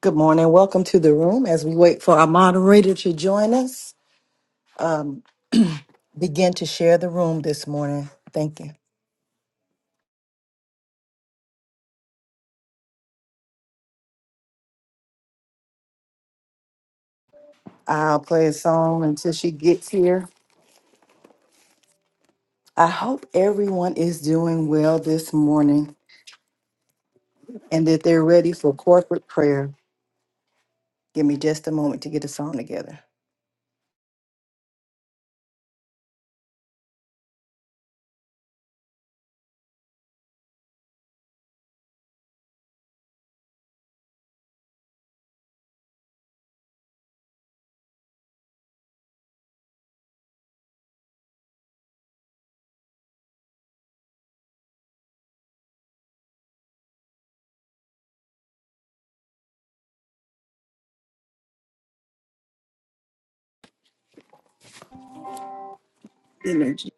Good morning. Welcome to the room as we wait for our moderator to join us. Um, begin to share the room this morning. Thank you. I'll play a song until she gets here. I hope everyone is doing well this morning and that they're ready for corporate prayer. Give me just a moment to get the song together. Energy.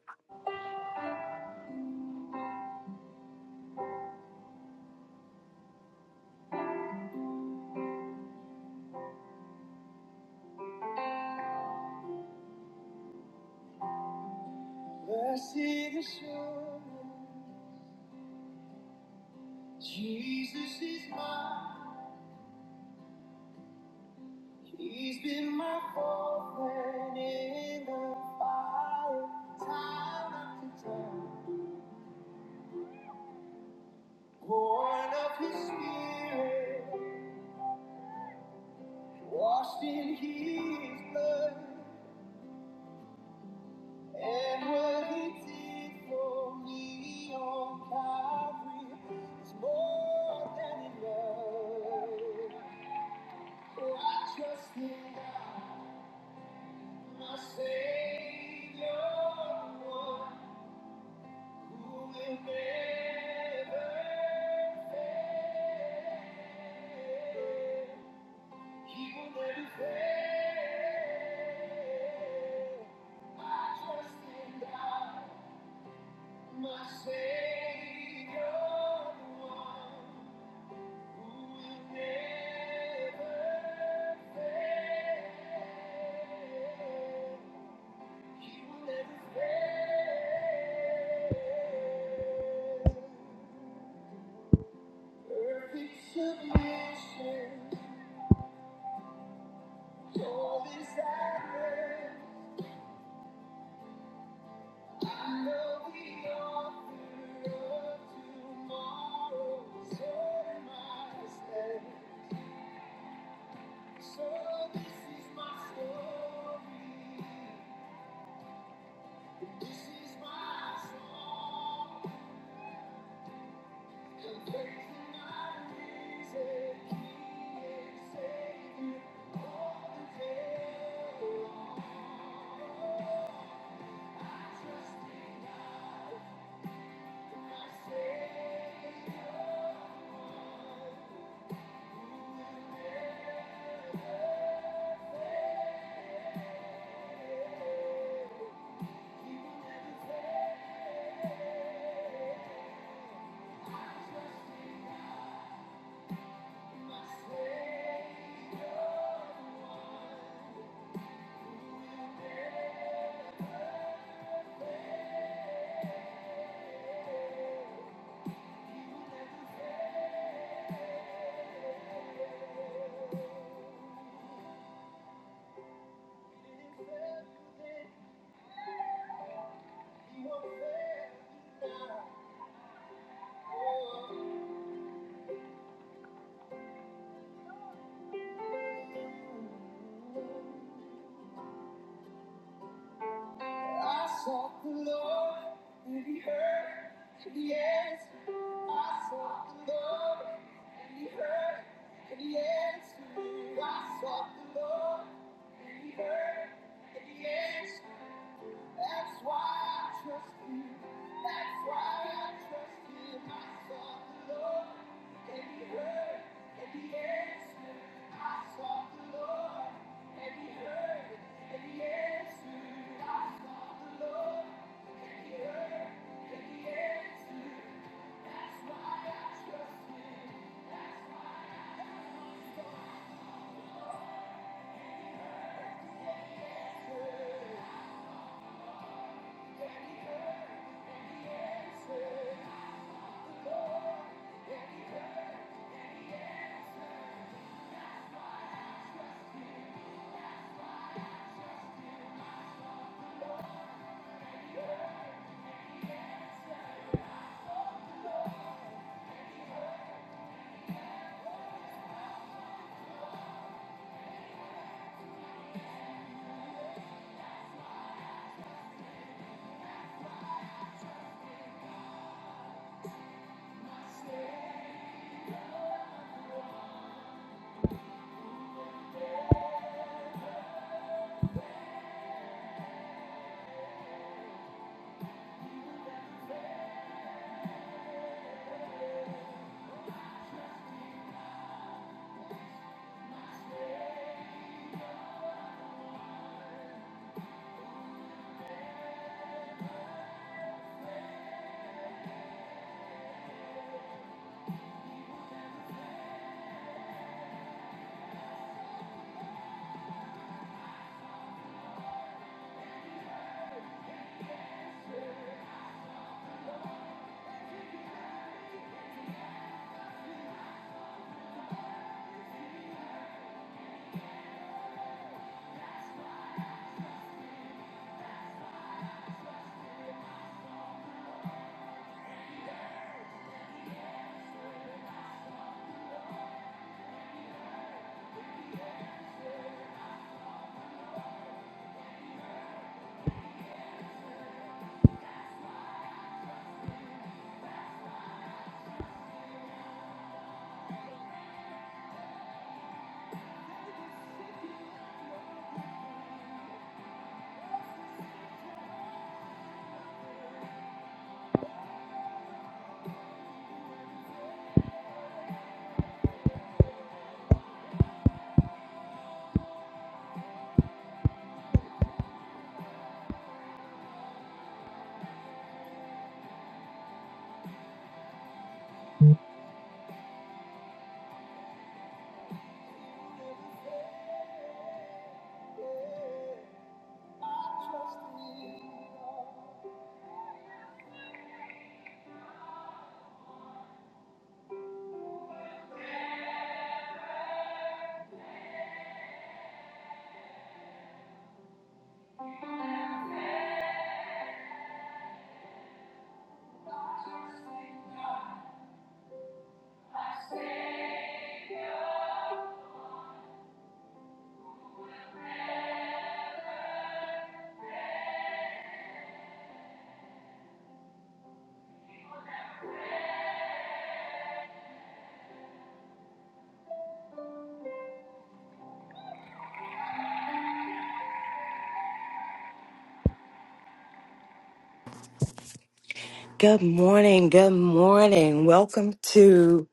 Good morning. Good morning. Welcome to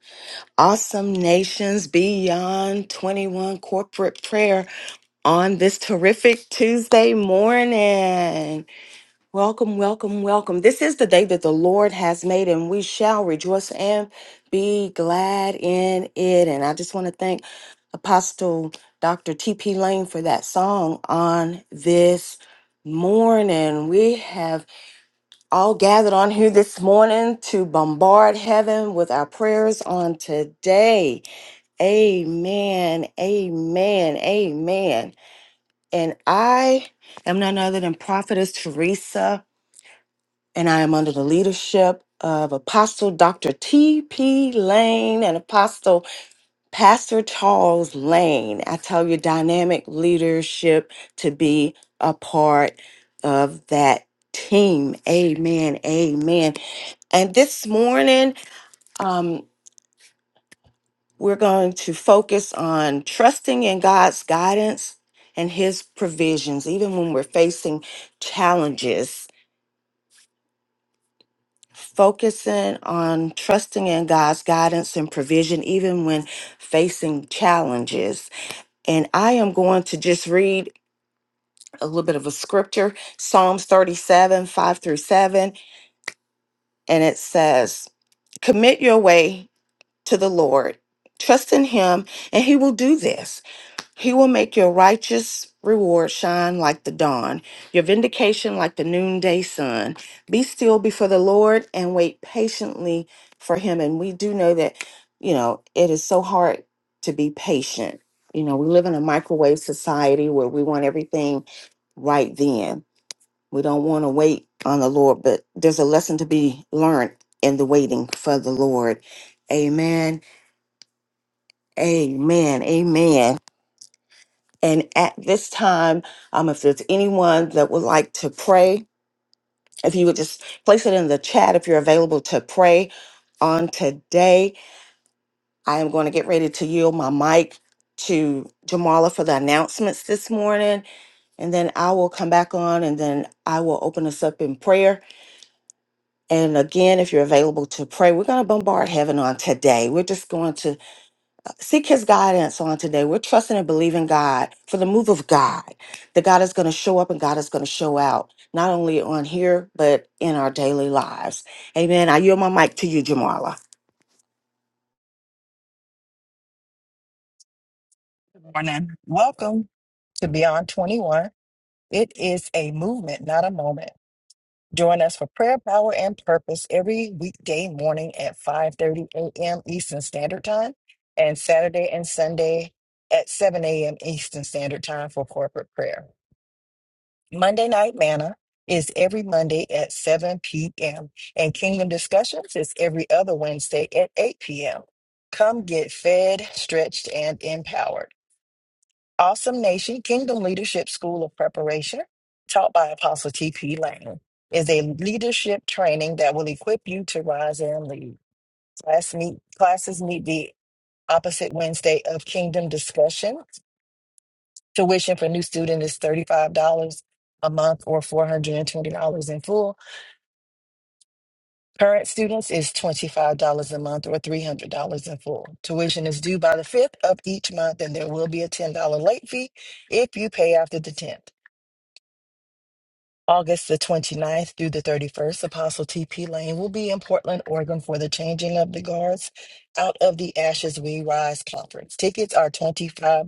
Awesome Nations Beyond 21 Corporate Prayer on this terrific Tuesday morning. Welcome, welcome, welcome. This is the day that the Lord has made, and we shall rejoice and be glad in it. And I just want to thank Apostle Dr. T.P. Lane for that song on this morning. We have all gathered on here this morning to bombard heaven with our prayers on today. Amen. Amen. Amen. And I am none other than Prophetess Teresa, and I am under the leadership of Apostle Dr. T.P. Lane and Apostle Pastor Charles Lane. I tell you, dynamic leadership to be a part of that team. Amen. Amen. And this morning, um, we're going to focus on trusting in God's guidance and His provisions, even when we're facing challenges. Focusing on trusting in God's guidance and provision, even when facing challenges. And I am going to just read a little bit of a scripture Psalms 37, 5 through 7. And it says, Commit your way to the Lord, trust in Him, and He will do this. He will make your righteous reward shine like the dawn, your vindication like the noonday sun. Be still before the Lord and wait patiently for him. And we do know that, you know, it is so hard to be patient. You know, we live in a microwave society where we want everything right then. We don't want to wait on the Lord, but there's a lesson to be learned in the waiting for the Lord. Amen. Amen. Amen. And at this time, um, if there's anyone that would like to pray, if you would just place it in the chat if you're available to pray on today, I am going to get ready to yield my mic to Jamala for the announcements this morning. And then I will come back on and then I will open us up in prayer. And again, if you're available to pray, we're going to bombard heaven on today. We're just going to Seek his guidance on today. We're trusting and believing God for the move of God, that God is going to show up and God is going to show out, not only on here, but in our daily lives. Amen. I yield my mic to you, Jamala. Morning. Welcome to Beyond 21. It is a movement, not a moment. Join us for prayer, power, and purpose every weekday morning at 5:30 a.m. Eastern Standard Time and Saturday and Sunday at 7 a.m. Eastern Standard Time for corporate prayer. Monday night manna is every Monday at 7 p.m. and Kingdom Discussions is every other Wednesday at 8 p.m. Come get fed, stretched, and empowered. Awesome Nation Kingdom Leadership School of Preparation, taught by Apostle T.P. Lane, is a leadership training that will equip you to rise and lead. Class meet, classes meet the opposite Wednesday of Kingdom Discussion. Tuition for new student is $35 a month or $420 in full. Current students is $25 a month or $300 in full. Tuition is due by the 5th of each month, and there will be a $10 late fee if you pay after the 10th. August the 29th through the 31st, Apostle T.P. Lane will be in Portland, Oregon for the Changing of the Guards Out of the Ashes We Rise conference. Tickets are $25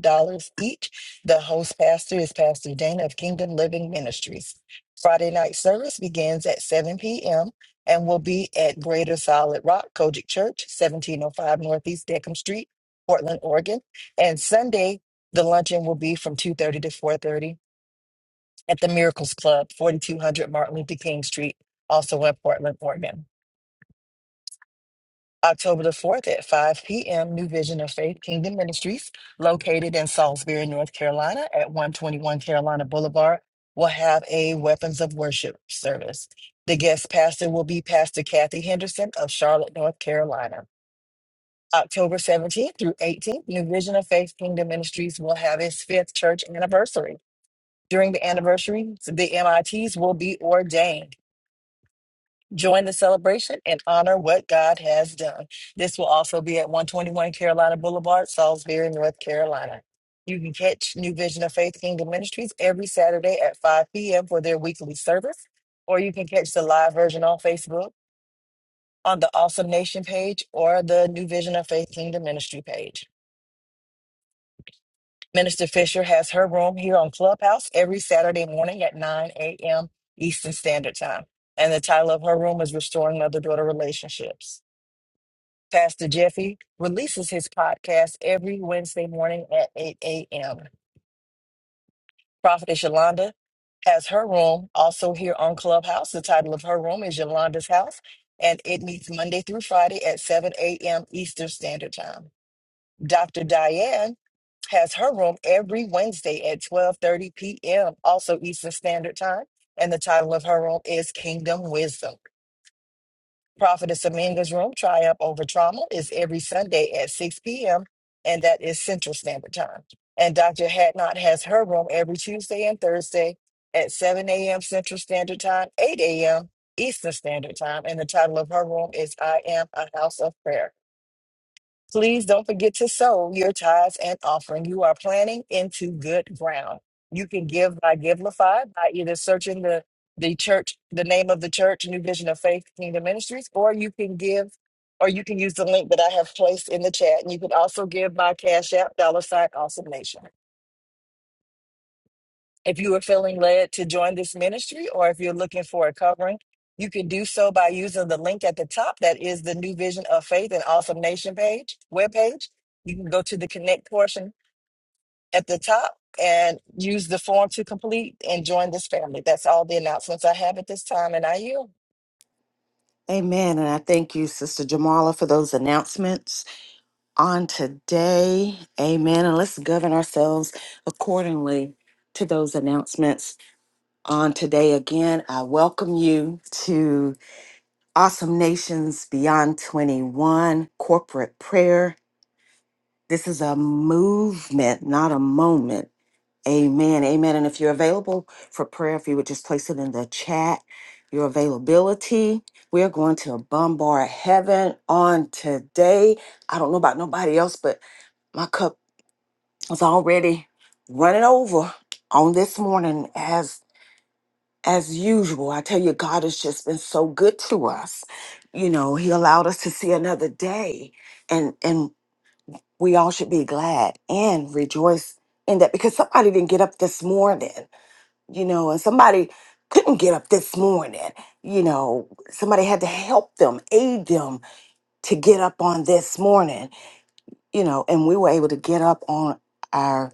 each. The host pastor is Pastor Dana of Kingdom Living Ministries. Friday night service begins at 7 p.m. and will be at Greater Solid Rock Kojic Church, 1705 Northeast Deckham Street, Portland, Oregon. And Sunday, the luncheon will be from 2.30 to 4.30 at the Miracles Club, 4200 Martin Luther King Street, also in Portland, Oregon. October the 4th at 5 p.m., New Vision of Faith Kingdom Ministries, located in Salisbury, North Carolina at 121 Carolina Boulevard, will have a Weapons of Worship service. The guest pastor will be Pastor Kathy Henderson of Charlotte, North Carolina. October 17th through 18th, New Vision of Faith Kingdom Ministries will have its fifth church anniversary. During the anniversaries, the MITs will be ordained. Join the celebration and honor what God has done. This will also be at 121 Carolina Boulevard, Salisbury, North Carolina. You can catch New Vision of Faith Kingdom Ministries every Saturday at 5 p.m. for their weekly service, or you can catch the live version on Facebook on the Awesome Nation page or the New Vision of Faith Kingdom Ministry page. Minister Fisher has her room here on Clubhouse every Saturday morning at 9 a.m. Eastern Standard Time. And the title of her room is Restoring Mother Daughter Relationships. Pastor Jeffy releases his podcast every Wednesday morning at 8 a.m. Prophetess Yolanda has her room also here on Clubhouse. The title of her room is Yolanda's House, and it meets Monday through Friday at 7 a.m. Eastern Standard Time. Dr. Diane has her room every Wednesday at 12:30 p.m. also Eastern Standard Time, and the title of her room is Kingdom Wisdom. Prophetess Aminga's Room, Triumph Over Trauma, is every Sunday at 6 p.m., and that is Central Standard Time. And Dr. Hatnot has her room every Tuesday and Thursday at 7 a.m. Central Standard Time, 8 a.m. Eastern Standard Time. And the title of her room is I Am a House of Prayer. Please don't forget to sow your tithes and offering. You are planting into good ground. You can give by Givelify by either searching the the church, the name of the church, New Vision of Faith Kingdom Ministries, or you can give, or you can use the link that I have placed in the chat. And you can also give by Cash App, dollar sign, awesome nation. If you are feeling led to join this ministry or if you're looking for a covering, you can do so by using the link at the top that is the New Vision of Faith and Awesome Nation page, webpage. You can go to the connect portion at the top and use the form to complete and join this family. That's all the announcements I have at this time, and I yield. Amen. And I thank you, Sister Jamala, for those announcements on today. Amen. And let's govern ourselves accordingly to those announcements on today. Again, I welcome you to Awesome Nations Beyond 21 corporate prayer This is a movement, not a moment. Amen. Amen. And if you're available for prayer, if you would just place it in the chat, your availability. We're going to bombard heaven on today. I don't know about nobody else, but my cup is already running over on this morning as as usual. I tell you, God has just been so good to us. You know, He allowed us to see another day. And and we all should be glad and rejoice in that because somebody didn't get up this morning, you know, and somebody couldn't get up this morning, you know, somebody had to help them, aid them to get up on this morning, you know, and we were able to get up on our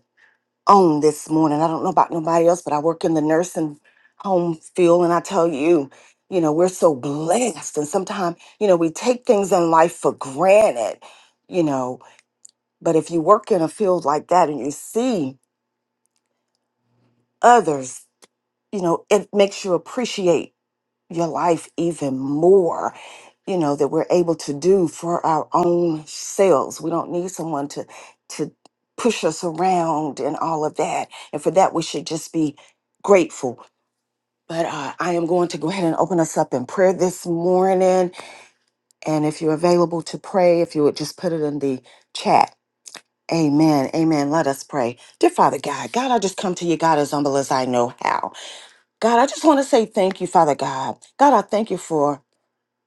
own this morning. I don't know about nobody else, but I work in the nursing home field and I tell you, you know, we're so blessed and sometimes, you know, we take things in life for granted, you know, but if you work in a field like that and you see others, you know, it makes you appreciate your life even more, you know, that we're able to do for our own selves. We don't need someone to to push us around and all of that. And for that we should just be grateful. But uh, I am going to go ahead and open us up in prayer this morning. And if you're available to pray, if you would just put it in the chat Amen. Amen. Let us pray. Dear Father God, God, I just come to you, God, as humble as I know how. God, I just want to say thank you, Father God. God, I thank you for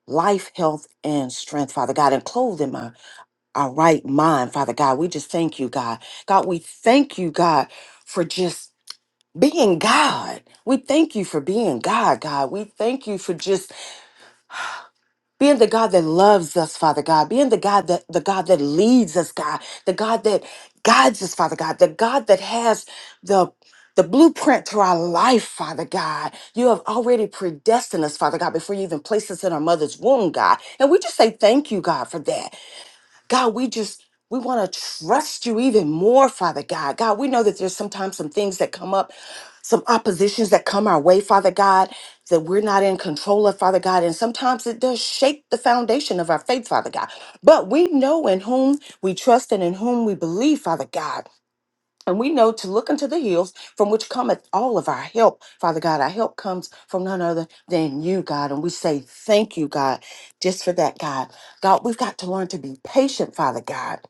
life, health, and strength, Father God, and clothing my our right mind, Father God. We just thank you, God. God, we thank you, God, for just being God. We thank you for being God, God. We thank you for just being the God that loves us, Father God, being the God that the God that leads us, God, the God that guides us, Father God, the God that has the the blueprint to our life, Father God. You have already predestined us, Father God, before you even placed us in our mother's womb, God. And we just say thank you, God, for that. God, we just we want to trust you even more, Father God. God, we know that there's sometimes some things that come up, some oppositions that come our way, Father God, that we're not in control of, Father God. And sometimes it does shake the foundation of our faith, Father God. But we know in whom we trust and in whom we believe, Father God. And we know to look unto the hills from which cometh all of our help. Father God, our help comes from none other than you, God. And we say thank you, God, just for that, God. God, we've got to learn to be patient, Father God.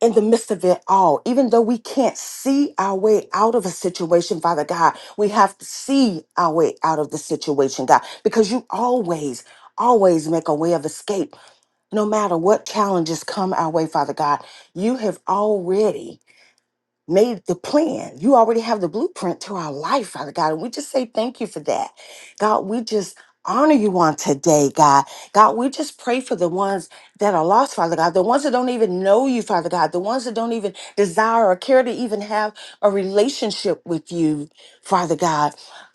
In the midst of it all, even though we can't see our way out of a situation, Father God, we have to see our way out of the situation, God, because you always, always make a way of escape. No matter what challenges come our way, Father God, you have already made the plan. You already have the blueprint to our life, Father God. And we just say thank you for that. God, we just honor you on today, God. God, we just pray for the ones that are lost, Father God, the ones that don't even know you, Father God, the ones that don't even desire or care to even have a relationship with you, Father God.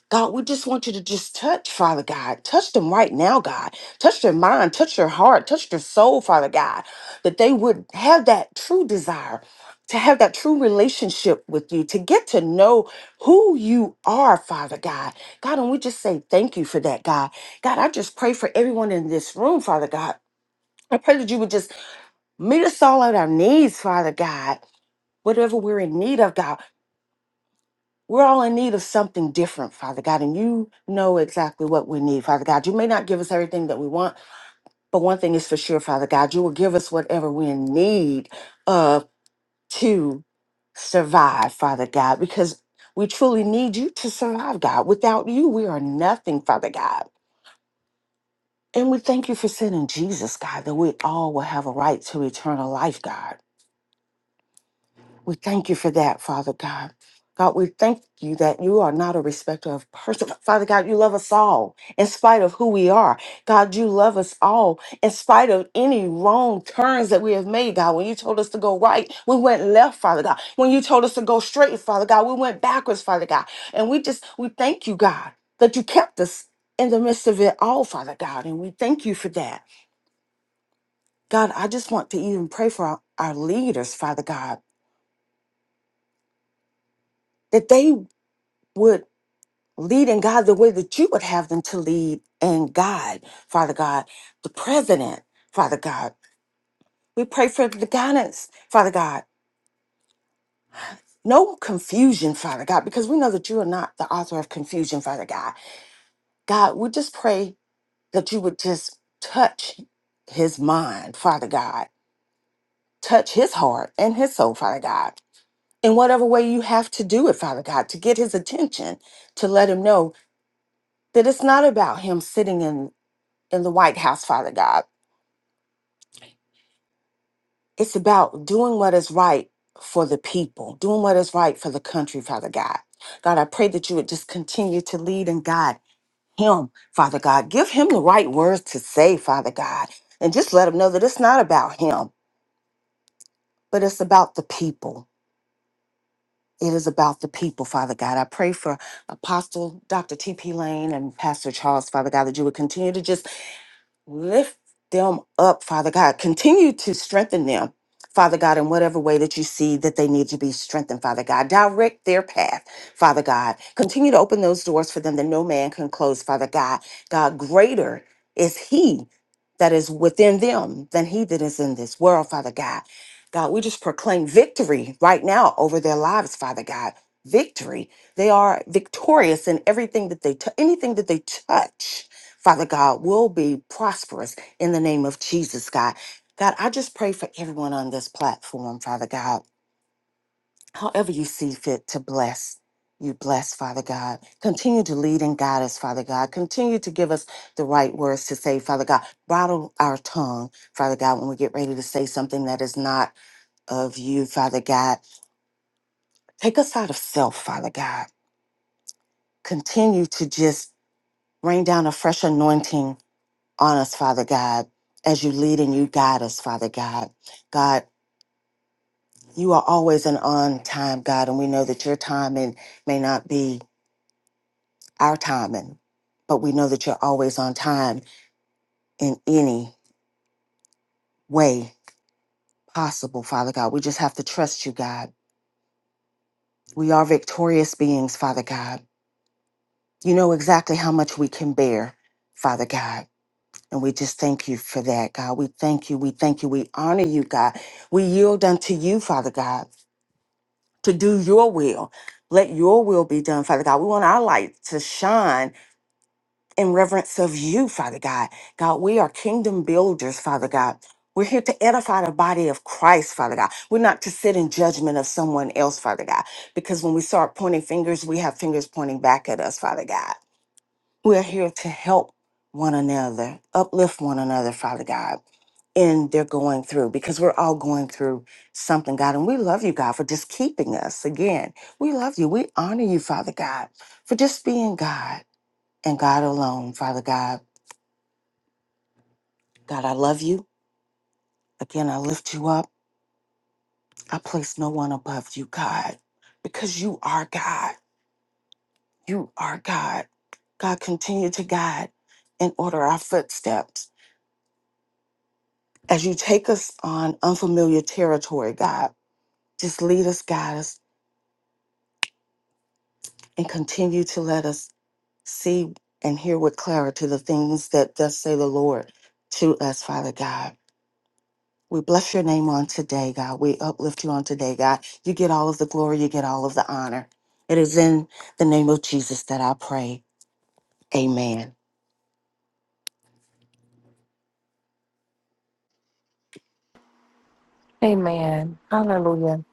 God, we just want you to just touch, Father God. Touch them right now, God. Touch their mind, touch their heart, touch their soul, Father God, that they would have that true desire to have that true relationship with you, to get to know who you are, Father God. God, and we just say thank you for that, God. God, I just pray for everyone in this room, Father God. I pray that you would just meet us all at our needs, Father God. Whatever we're in need of, God, we're all in need of something different, Father God, and you know exactly what we need, Father God. You may not give us everything that we want, but one thing is for sure, Father God, you will give us whatever we're in need of to survive, Father God, because we truly need you to survive, God. Without you, we are nothing, Father God. And we thank you for sending Jesus, God, that we all will have a right to eternal life, God. We thank you for that, Father God. God, we thank you that you are not a respecter of person. Father God, you love us all in spite of who we are. God, you love us all in spite of any wrong turns that we have made, God. When you told us to go right, we went left, Father God. When you told us to go straight, Father God, we went backwards, Father God. And we just, we thank you, God, that you kept us in the midst of it all, Father God. And we thank you for that. God, I just want to even pray for our, our leaders, Father God, that they would Lead leading God the way that you would have them to lead and guide, Father God, the president, Father God. We pray for the guidance, Father God. No confusion, Father God, because we know that you are not the author of confusion, Father God. God, we just pray that you would just touch his mind, Father God, touch his heart and his soul, Father God, in whatever way you have to do it, Father God, to get his attention, to let him know that it's not about him sitting in, in the White House, Father God It's about doing what is right for the people, doing what is right for the country, Father God. God, I pray that you would just continue to lead and guide him, Father God. Give him the right words to say, Father God, and just let him know that it's not about him, but it's about the people. It is about the people, Father God. I pray for Apostle Dr. T.P. Lane and Pastor Charles, Father God, that you would continue to just Lift them up, Father God. Continue to strengthen them, Father God, in whatever way that you see that they need to be strengthened, Father God. Direct their path, Father God. Continue to open those doors for them that no man can close, Father God. God, greater is He that is within them than He that is in this world, Father God. God, we just proclaim victory right now over their lives, Father God. Victory. They are victorious in everything that they t- anything that they touch. Father God, will be prosperous in the name of Jesus, God. God, I just pray for everyone on this platform, Father God. However you see fit to bless, you bless, Father God. Continue to lead and guide us, Father God. Continue to give us the right words to say, Father God. Bridle our tongue, Father God, when we get ready to say something that is not of you, Father God. Take us out of self, Father God. Continue to just rain down a fresh anointing on us, Father God, as you lead and you guide us, Father God. God, you are always an on time, God, and we know that your timing may not be our timing, but we know that you're always on time in any way possible, Father God. We just have to trust you, God. We are victorious beings, Father God. You know exactly how much we can bear, Father God. And we just thank you for that, God. We thank you. We thank you. We honor you, God. We yield unto you, Father God. to do your will. Let your will be done, Father God. We want our light to shine in reverence of you, Father God. God, we are kingdom builders, Father God. We're here to edify the body of Christ, Father God. We're not to sit in judgment of someone else, Father God, because when we start pointing fingers, we have fingers pointing back at us, Father God. We're here to help one another, uplift one another, Father God, in their going through, because we're all going through something, God. And we love you, God, for just keeping us. Again, we love you. We honor you, Father God, for just being God and God alone, Father God. God, I love you. Again, I lift you up. I place no one above you, God, because you are God. You are God. God, continue to guide and order our footsteps as you take us on unfamiliar territory, God, just lead us, guide us, and continue to let us see and hear with clarity the things that thus say the Lord to us, Father God. We bless your name on today, God. We uplift you on today, God. You get all of the glory, you get all of the honor. It is in the name of Jesus that I pray. Amen. Amen. Hallelujah.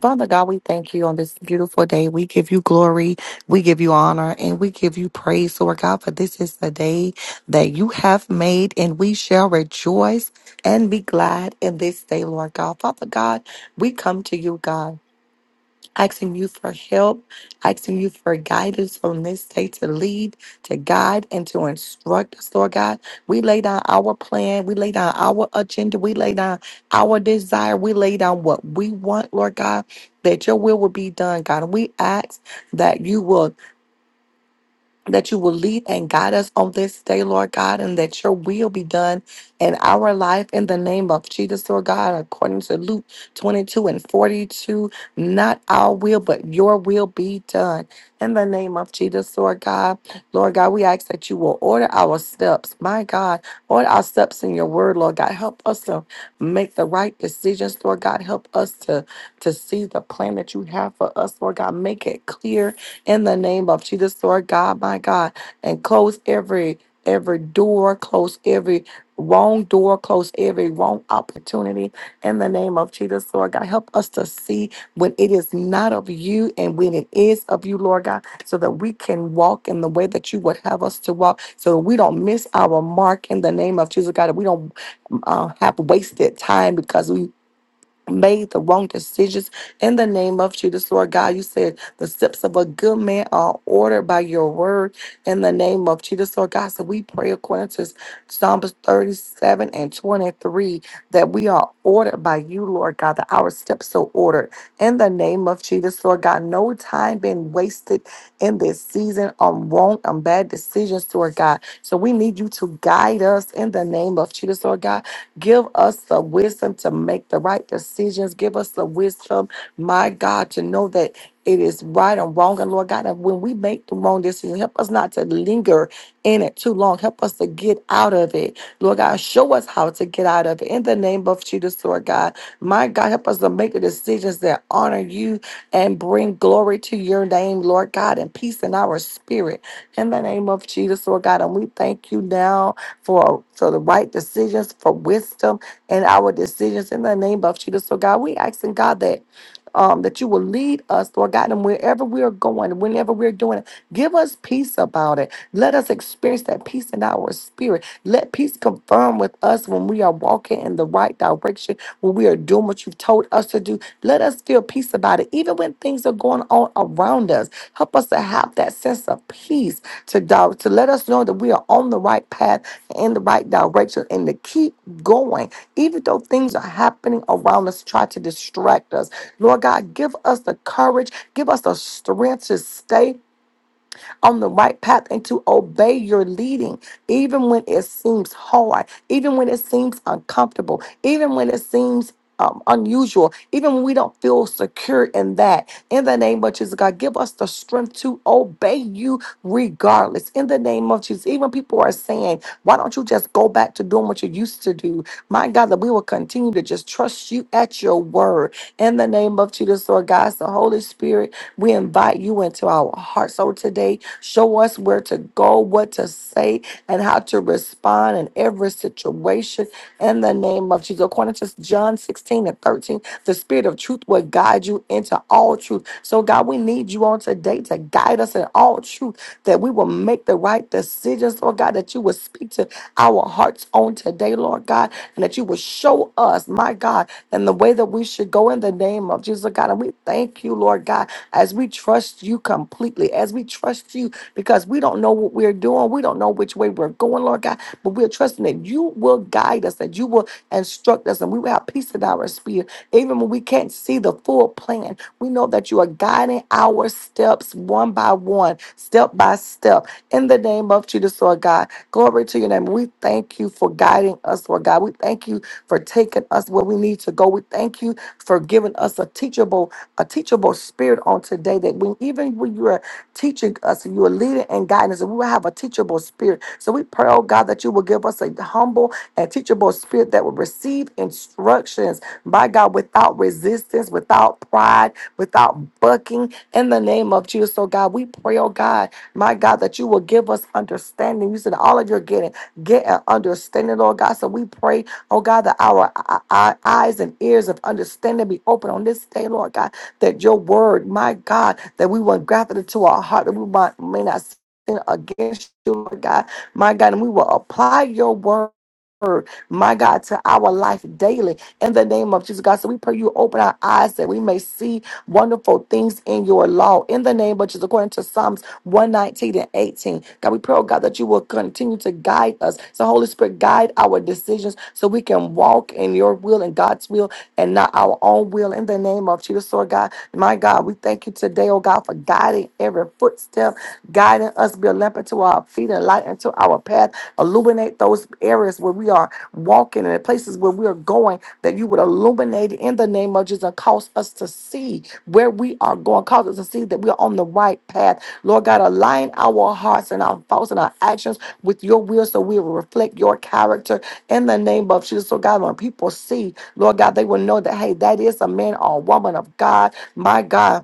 Father God, we thank you on this beautiful day. We give you glory, we give you honor, and we give you praise, Lord God, for this is the day that you have made, and we shall rejoice and be glad in this day, Lord God. Father God, we come to you, God asking you for help, asking you for guidance on this day to lead, to guide, and to instruct us, Lord God. We lay down our plan, we lay down our agenda, we lay down our desire, we lay down what we want, Lord God, that your will will be done, God. And we ask that you will that you will lead and guide us on this day, Lord God, and that your will be done in our life in the name of Jesus, Lord God, according to Luke 22 and 42. Not our will, but your will be done in the name of Jesus, Lord God. Lord God, we ask that you will order our steps, my God, order our steps in your word, Lord God. Help us to make the right decisions, Lord God. Help us to, to see the plan that you have for us, Lord God. Make it clear in the name of Jesus, Lord God, my God, and close every every door, close every wrong door, close every wrong opportunity in the name of Jesus, Lord God. Help us to see when it is not of you and when it is of you, Lord God, so that we can walk in the way that you would have us to walk, so that we don't miss our mark in the name of Jesus, God, that we don't uh, have wasted time because we made the wrong decisions in the name of Jesus, Lord God. You said the steps of a good man are ordered by your word in the name of Jesus, Lord God. So we pray according to Psalms 37 and 23 that we are ordered by you, Lord God, that our steps are ordered in the name of Jesus, Lord God. No time being wasted in this season on wrong and bad decisions, Lord God. So we need you to guide us in the name of Jesus, Lord God. Give us the wisdom to make the right decisions. Give us the wisdom, my God, to know that it is right and wrong. And Lord God, and when we make the wrong decision, help us not to linger in it too long. Help us to get out of it. Lord God, show us how to get out of it. In the name of Jesus, Lord God. My God, help us to make the decisions that honor you and bring glory to your name, Lord God, and peace in our spirit. In the name of Jesus, Lord God. And we thank you now for so the right decisions, for wisdom and our decisions in the name of Jesus. So God, we asking God that um, that you will lead us, Lord God, and wherever we are going, whenever we're doing it, give us peace about it. Let us experience that peace in our spirit. Let peace confirm with us when we are walking in the right direction, when we are doing what you've told us to do. Let us feel peace about it, even when things are going on around us. Help us to have that sense of peace to doubt, to let us know that we are on the right path in the right direction and to keep going, even though things are happening around us, try to distract us. Lord God, give us the courage, give us the strength to stay on the right path and to obey your leading, even when it seems hard, even when it seems uncomfortable, even when it seems um, unusual, even when we don't feel secure in that. In the name of Jesus, God, give us the strength to obey you regardless. In the name of Jesus, even people are saying, why don't you just go back to doing what you used to do? My God, that we will continue to just trust you at your word. In the name of Jesus, Lord God, it's the Holy Spirit. We invite you into our hearts. So today, show us where to go, what to say, and how to respond in every situation in the name of Jesus. According to John 16 and 13, the spirit of truth will guide you into all truth. So, God, we need you on today to guide us in all truth that we will make the right decisions, Lord God, that you will would speak to our hearts on today, Lord God, and that you would show us, my God, and the way that we should go in the name of Jesus, God. And we thank you, Lord God, as we trust you completely, as we trust you because we don't know what we're doing. We don't know which way we're going, Lord God, but we're trusting that you will guide us, that you will instruct us, and we will have peace in our spirit even when we can't see the full plan, we know that you are guiding our steps one by one, step by step. In the name of Jesus, Lord God, glory to your name. We thank you for guiding us, Lord God. We thank you for taking us where we need to go. We thank you for giving us a teachable, a teachable spirit on today that when even when you are teaching us and you are leading and guiding us. And we will have a teachable spirit. So we pray, oh God, that you will give us a humble and teachable spirit that will receive instructions, by God, without resistance, without pride, without bucking. In the name of Jesus, so God, we pray, oh God, my God, that you will give us understanding. You said all of your getting, get an understanding, Lord God. So we pray, oh God, that our, our eyes and ears of understanding be open on this day, Lord God that your word, my God, that we will graft it into our heart, that we might, may not sin against you, Lord God, my God, and we will apply your word. My God, to our life daily in the name of Jesus, God. So we pray you open our eyes that we may see wonderful things in your law in the name of Jesus, according to Psalms 119 and 18. God, we pray, oh God, that you will continue to guide us. So, Holy Spirit, guide our decisions so we can walk in your will and God's will and not our own will in the name of Jesus. Lord God, my God, we thank you today, oh God, for guiding every footstep, guiding us, be a lamp unto our feet and light unto our path. Illuminate those areas where we are walking and the places where we are going that you would illuminate it in the name of Jesus and cause us to see where we are going. Cause us to see that we are on the right path. Lord God, align our hearts and our thoughts and our actions with your will so we will reflect your character in the name of Jesus. So God, when people see, Lord God, they will know that, hey, that is a man or a woman of God. My God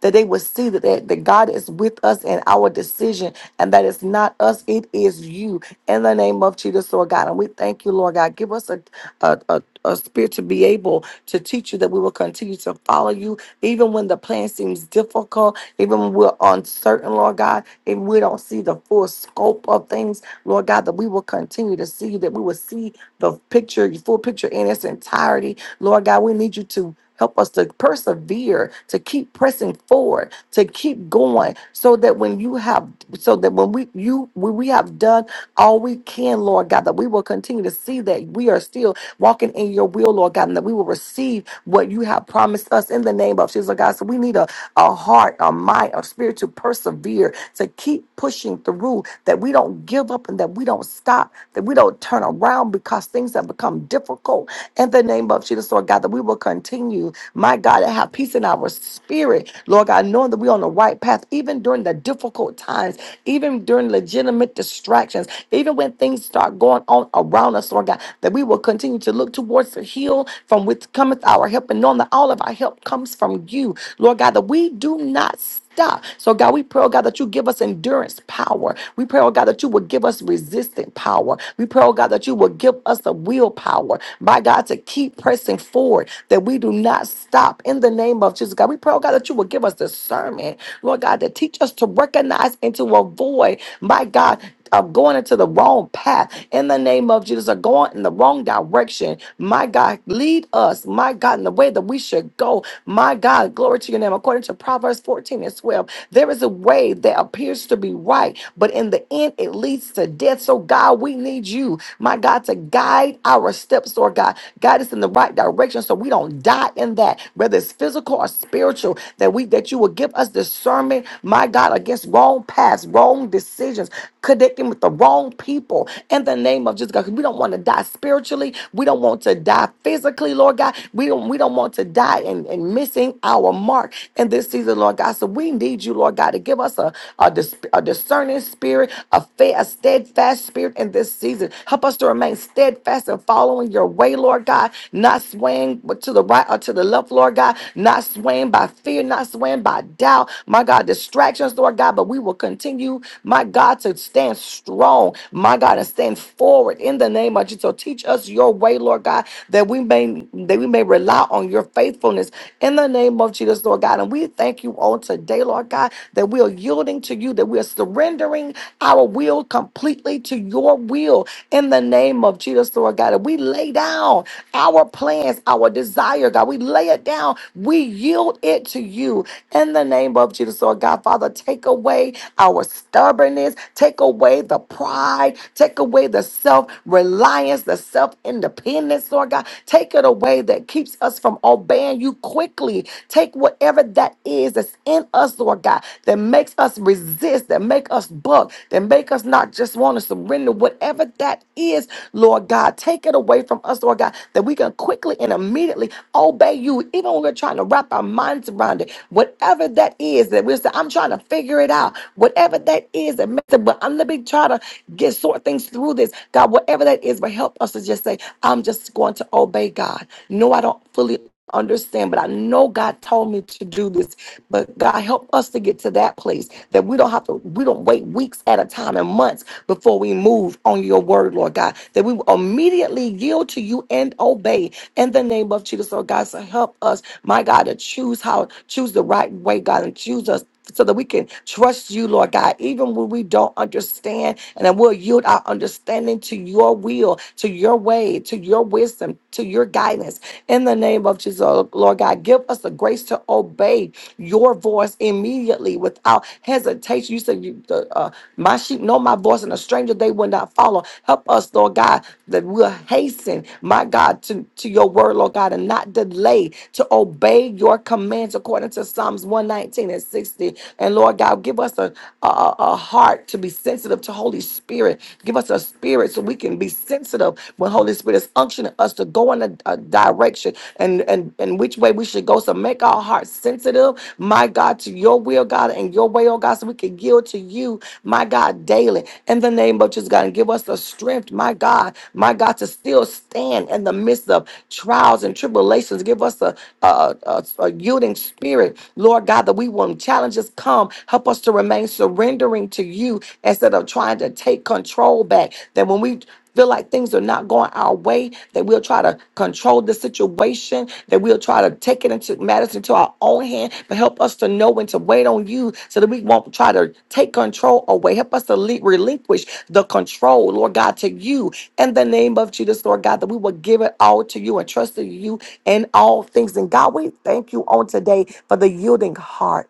that they would see that, that, that God is with us in our decision and that it's not us, it is you in the name of Jesus, Lord God. And we thank you, Lord God. Give us a, a, a, a spirit to be able to teach you that we will continue to follow you, even when the plan seems difficult, even when we're uncertain, Lord God, if we don't see the full scope of things, Lord God, that we will continue to see you, that we will see the picture, the full picture in its entirety. Lord God, we need you to. Help us to persevere, to keep pressing forward, to keep going, so that when you have, so that when we you when we have done all we can, Lord God, that we will continue to see that we are still walking in Your will, Lord God, and that we will receive what You have promised us in the name of Jesus, Lord God. So we need a a heart, a mind, a spirit to persevere, to keep pushing through, that we don't give up and that we don't stop, that we don't turn around because things have become difficult in the name of Jesus, Lord God, that we will continue, my God, to have peace in our spirit, Lord God, knowing that we're on the right path, even during the difficult times, even during legitimate distractions, even when things start going on around us, Lord God, that we will continue to look towards the hill from which cometh our help, and knowing that all of our help comes from you, Lord God, that we do not stop. So, God, we pray, oh God, that you give us endurance power. We pray, oh God, that you will give us resistant power. We pray, oh God, that you will give us the willpower, my God, to keep pressing forward, that we do not stop in the name of Jesus. God, we pray, oh God, that you will give us discernment, Lord God, to teach us to recognize and to avoid, my God, of going into the wrong path in the name of Jesus are going in the wrong direction. My God, lead us, my God, in the way that we should go. My God, glory to your name. According to Proverbs 14 and 12, there is a way that appears to be right, but in the end, it leads to death. So, God, we need you, my God, to guide our steps, Lord God. Guide us in the right direction so we don't die in that, whether it's physical or spiritual, that we that you will give us discernment, my God, against wrong paths, wrong decisions connecting with the wrong people in the name of Jesus God. 'Cause We don't want to die spiritually. We don't want to die physically, Lord God. We don't we don't want to die and, and missing our mark in this season, Lord God. So we need you, Lord God, to give us a, a, dis- a discerning spirit, a fair, a steadfast spirit in this season. Help us to remain steadfast and following your way, Lord God, not swaying to the right or to the left, Lord God, not swaying by fear, not swaying by doubt, my God, distractions, Lord God, but we will continue my God, to stand strong, my God, and stand forward in the name of Jesus. So teach us your way, Lord God, that we may that we may rely on your faithfulness in the name of Jesus, Lord God. And we thank you on today, Lord God, that we are yielding to you, that we are surrendering our will completely to your will in the name of Jesus, Lord God. And we lay down our plans, our desire, God. We lay it down. We yield it to you in the name of Jesus, Lord God. Father, take away our stubbornness, take away the pride, take away the self reliance, the self independence, Lord God. Take it away that keeps us from obeying you quickly. Take whatever that is that's in us, Lord God, that makes us resist, that make us buck, that make us not just want to surrender, whatever that is, Lord God. Take it away from us, Lord God, that we can quickly and immediately obey you, even when we're trying to wrap our minds around it. Whatever that is, that we're saying, I'm trying to figure it out whatever that is. that mess it, but I'm let me try to get sort things through this, God, whatever that is. But help us to just say, I'm just going to obey God. No, I don't fully understand, but I know God told me to do this. But God, help us to get to that place that we don't have to, we don't wait weeks at a time and months before we move on your word, Lord God, that we will immediately yield to you and obey in the name of Jesus. Lord God, so help us, my God, to choose how, choose the right way, God, and choose us so that we can trust you, Lord God, even when we don't understand, and then we'll yield our understanding to your will, to your way, to your wisdom, to your guidance. In the name of Jesus, oh, Lord God, give us the grace to obey your voice immediately without hesitation. You said, you, the, uh, My sheep know my voice, and a stranger they will not follow. Help us, Lord God, that we'll hasten, my God, to, to your word, Lord God, and not delay to obey your commands according to Psalms 119 and 16. 360. And Lord God, give us a, a, a a heart to be sensitive to Holy Spirit. Give us a spirit so we can be sensitive when Holy Spirit is unctioning us to go in a, a direction and, and, and which way we should go. So make our hearts sensitive, my God, to your will, God, and your way, oh God, so we can yield to you, my God, daily. In the name of Jesus, God, and give us the strength, my God, my God, to still stand in the midst of trials and tribulations. Give us a, a, a, a yielding spirit, Lord God, that we will through, challenges come. Help us to remain surrendering to you instead of trying to take control back. That when we feel like things are not going our way, that we'll try to control the situation, that we'll try to take it into matters into our own hand, but help us to know when to wait on you so that we won't try to take control away. Help us to le- relinquish the control, Lord God, to you in the name of Jesus, Lord God, that we will give it all to you and trust in you in all things. And God, we thank you on today for the yielding heart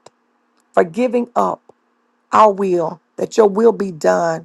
for giving up our will, that your will be done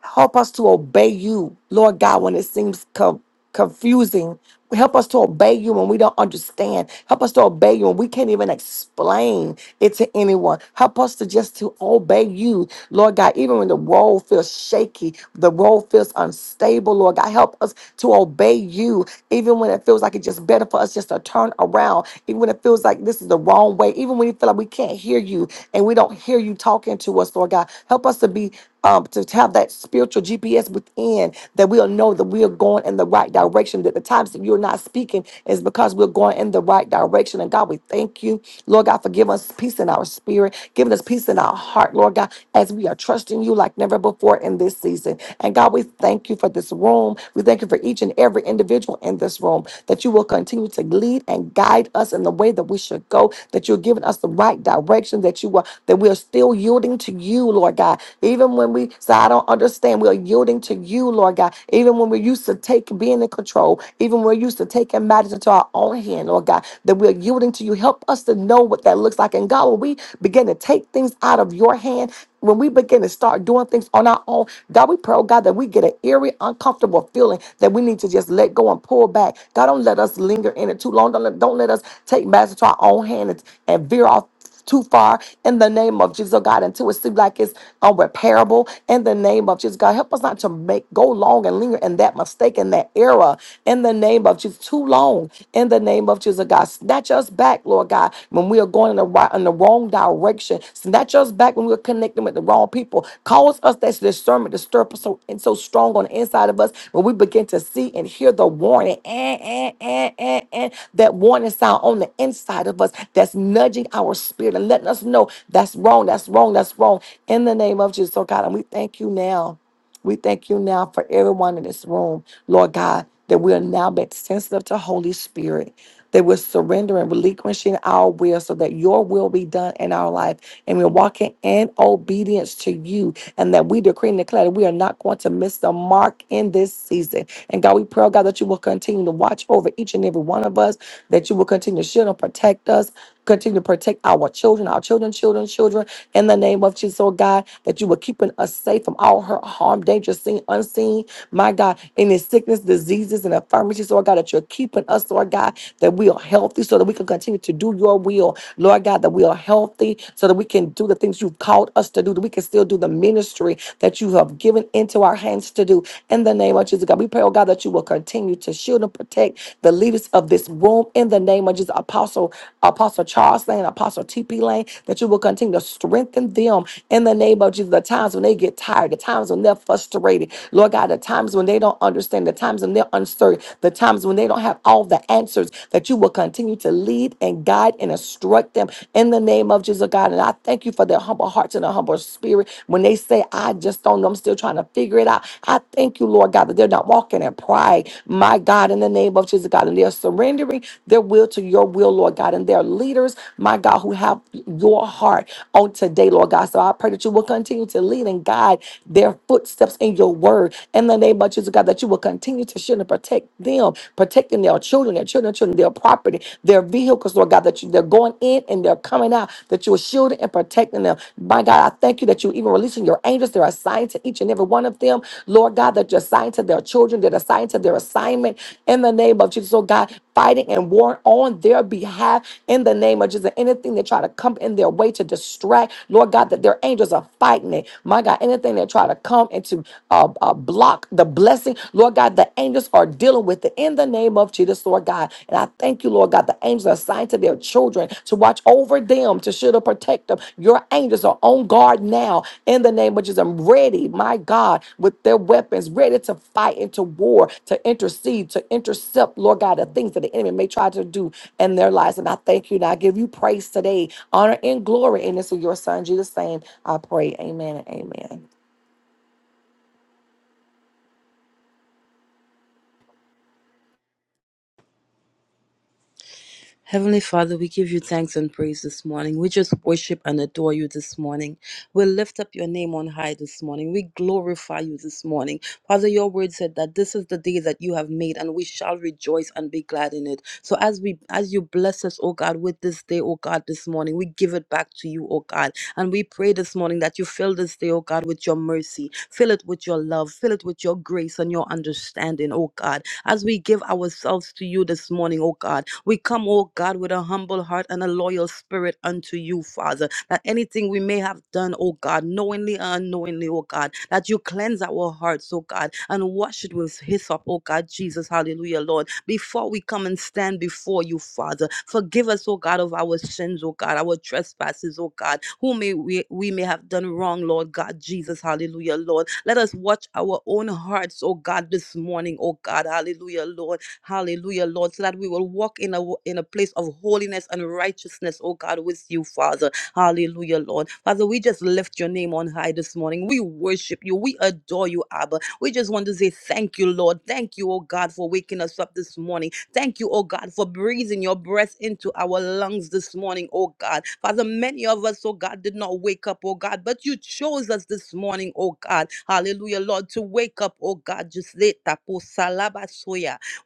Help us to obey you, Lord God, when it seems co- confusing. Help us to obey you when we don't understand. Help us to obey you when we can't even explain it to anyone. Help us to just to obey you, Lord God, even when the road feels shaky, the road feels unstable, Lord God. Help us to obey you, even when it feels like it's just better for us just to turn around, even when it feels like this is the wrong way, even when you feel like we can't hear you and we don't hear you talking to us, Lord God. Help us to be um, to have that spiritual GPS within that we'll know that we are going in the right direction. That the times that you're not speaking is because we're going in the right direction. And God, we thank you, Lord God, for giving us peace in our spirit, giving us peace in our heart, Lord God, as we are trusting you like never before in this season. And God, we thank you for this room. We thank you for each and every individual in this room that you will continue to lead and guide us in the way that we should go, that you're giving us the right direction, that you are, that we are still yielding to you, Lord God. Even when we say, I don't understand, we are yielding to you, Lord God. Even when we're used to take being in control, even when we're used to taking matters into our own hand, Lord God, that we're yielding to you. Help us to know what that looks like. And God, when we begin to take things out of your hand, when we begin to start doing things on our own, God, we pray, oh God, that we get an eerie, uncomfortable feeling feeling that we need to just let go and pull back. God, don't let us linger in it too long. Don't let, don't let us take matters to our own hand and, and veer off too far in the name of Jesus, oh God, until it seems like it's unrepairable in the name of Jesus, God. Help us not to make go long and linger in that mistake in that error. in the name of Jesus, too long in the name of Jesus, oh God. Snatch us back, Lord God, when we are going in the right in the wrong direction. Snatch us back, back when we were connecting with the wrong people. Cause us that discernment to stir up so and so strong on the inside of us when we begin to see and hear the warning and and and and, and that warning sound on the inside of us that's nudging our spirit and letting us know that's wrong, that's wrong, that's wrong. In the name of Jesus, oh God, and we thank you now. We thank you now for everyone in this room, Lord God, that we are now made sensitive to Holy Spirit that we're surrendering, relinquishing our will so that your will be done in our life. And we're walking in obedience to you. And that we decree and declare that we are not going to miss the mark in this season. And God, we pray, oh God, that you will continue to watch over each and every one of us, that you will continue to shield and protect us. Continue to protect our children, our children, children, children, in the name of Jesus, oh God, that you were keeping us safe from all hurt, harm, danger, seen, unseen. My God, any sickness, diseases, and infirmities, Lord God, that you're keeping us, Lord God, that we are healthy so that we can continue to do your will. Lord God, that we are healthy so that we can do the things you've called us to do, that we can still do the ministry that you have given into our hands to do. In the name of Jesus, God, we pray, oh God, that you will continue continue to shield and protect the leaders of this room in the name of Jesus. Apostle Apostle Charles Lane, Apostle TP Lane, that you will continue to strengthen them in the name of Jesus. The times when they get tired, the times when they're frustrated, Lord God, the times when they don't understand, the times when they're uncertain, the times when they don't have all the answers, that you will continue to lead and guide and instruct them in the name of Jesus, God. And I thank you for their humble hearts and a humble spirit when they say, say, I just don't know. I'm still trying to figure it out. I thank you, Lord God, that they're not walking in pride. My God, in the name of Jesus, God, and they're surrendering their will to your will, Lord God, and they're leaders, my God, who have your heart on today, Lord God. So I pray that you will continue to lead and guide their footsteps in your word. In the name of Jesus, God, that you will continue to shield and protect them, protecting their children, their children, children, their property, their vehicles, Lord God, that you, they're going in in and they're coming out, that you are shielding and protecting them. My God, I thank you that you're even releasing your angels. They're assigned to each and every one of them. Lord God, that you're assigned to their children, they're assigned to their assignment in the name of Jesus. Oh God, fighting and war on their behalf in the name of Jesus. Anything that try to come in their way to distract, Lord God, that their angels are fighting it. My God, anything that try to come and to uh, uh, block the blessing, Lord God, the angels are dealing with with it in the name of Jesus, Lord God. And I thank you, Lord God. The angels are assigned to their children to watch over them, to shield and protect them. Your angels are on guard now in the name of Jesus. I'm ready, my God, with their weapons, ready to fight into war, to intercede, to intercept, Lord God, the things that the enemy may try to do in their lives. And I thank you and I give you praise today, honor and glory. And it's in your son, Jesus' name, I pray. Amen and amen. Heavenly Father, we give you thanks and praise this morning. We just worship and adore you this morning. We lift up your name on high this morning. We glorify you this morning. Father, your word said that this is the day that you have made and we shall rejoice and be glad in it. So as we as you bless us, oh God, with this day, oh God, this morning, we give it back to you, oh God. And we pray this morning that you fill this day, oh God, with your mercy. Fill it with your love. Fill it with your grace and your understanding, oh God as we give ourselves to you this morning, oh God. We come, oh God, with a humble heart and a loyal spirit unto you, Father that anything we may have done, oh God, knowingly and unknowingly, oh God, that you cleanse our hearts, oh God, and wash it with hyssop, oh God, Jesus, hallelujah, Lord. Before we come and stand before you, Father, forgive us, oh God, of our sins, oh God, our trespasses, oh God, who may we, we may have done wrong, Lord God, Jesus, hallelujah, Lord. Let us watch our own hearts, oh God, this morning, oh God, hallelujah, Lord, hallelujah, Lord, so that we will walk in a in a place of holiness and righteousness, oh God, with you, Father. Hallelujah, Lord. Father, we just lift your name on high this morning. We worship you. We adore you, Abba. We just want to say thank you, Lord. Thank you, oh God, for waking us up this morning. Thank you, oh God, for breathing your breath into our lungs this morning, oh God. Father, many of us, oh God, did not wake up, oh God, but you chose us this morning, oh God. Hallelujah, Lord, to wake up, oh God. Just later,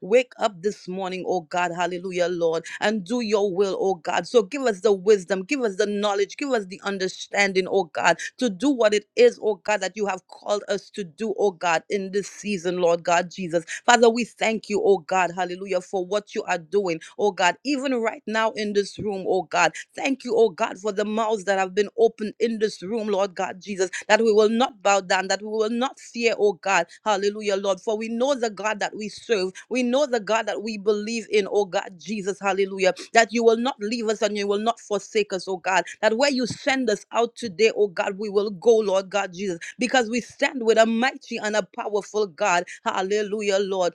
Wake up this morning, oh God, hallelujah, Lord, and do your will, oh God. So give us the wisdom, give us the knowledge, give us the understanding, oh God, to do what it is, oh God, that you have called us to do, oh God, in this season, Lord God Jesus. Father, we thank you, oh God, hallelujah, for what you are doing, oh God, even right now in this room, oh God. Thank you, oh God, for the mouths that have been opened in this room, Lord God Jesus, that we will not bow down, that we will not fear, oh God. Hallelujah, Lord. For we know the God that we serve. We know the God that we believe in, oh God, Jesus. Hallelujah. That you will not leave us and you will not forsake us, oh God. That where you send us out today, oh God, we will go, Lord God Jesus, because we stand with a mighty and a powerful God. Hallelujah, Lord.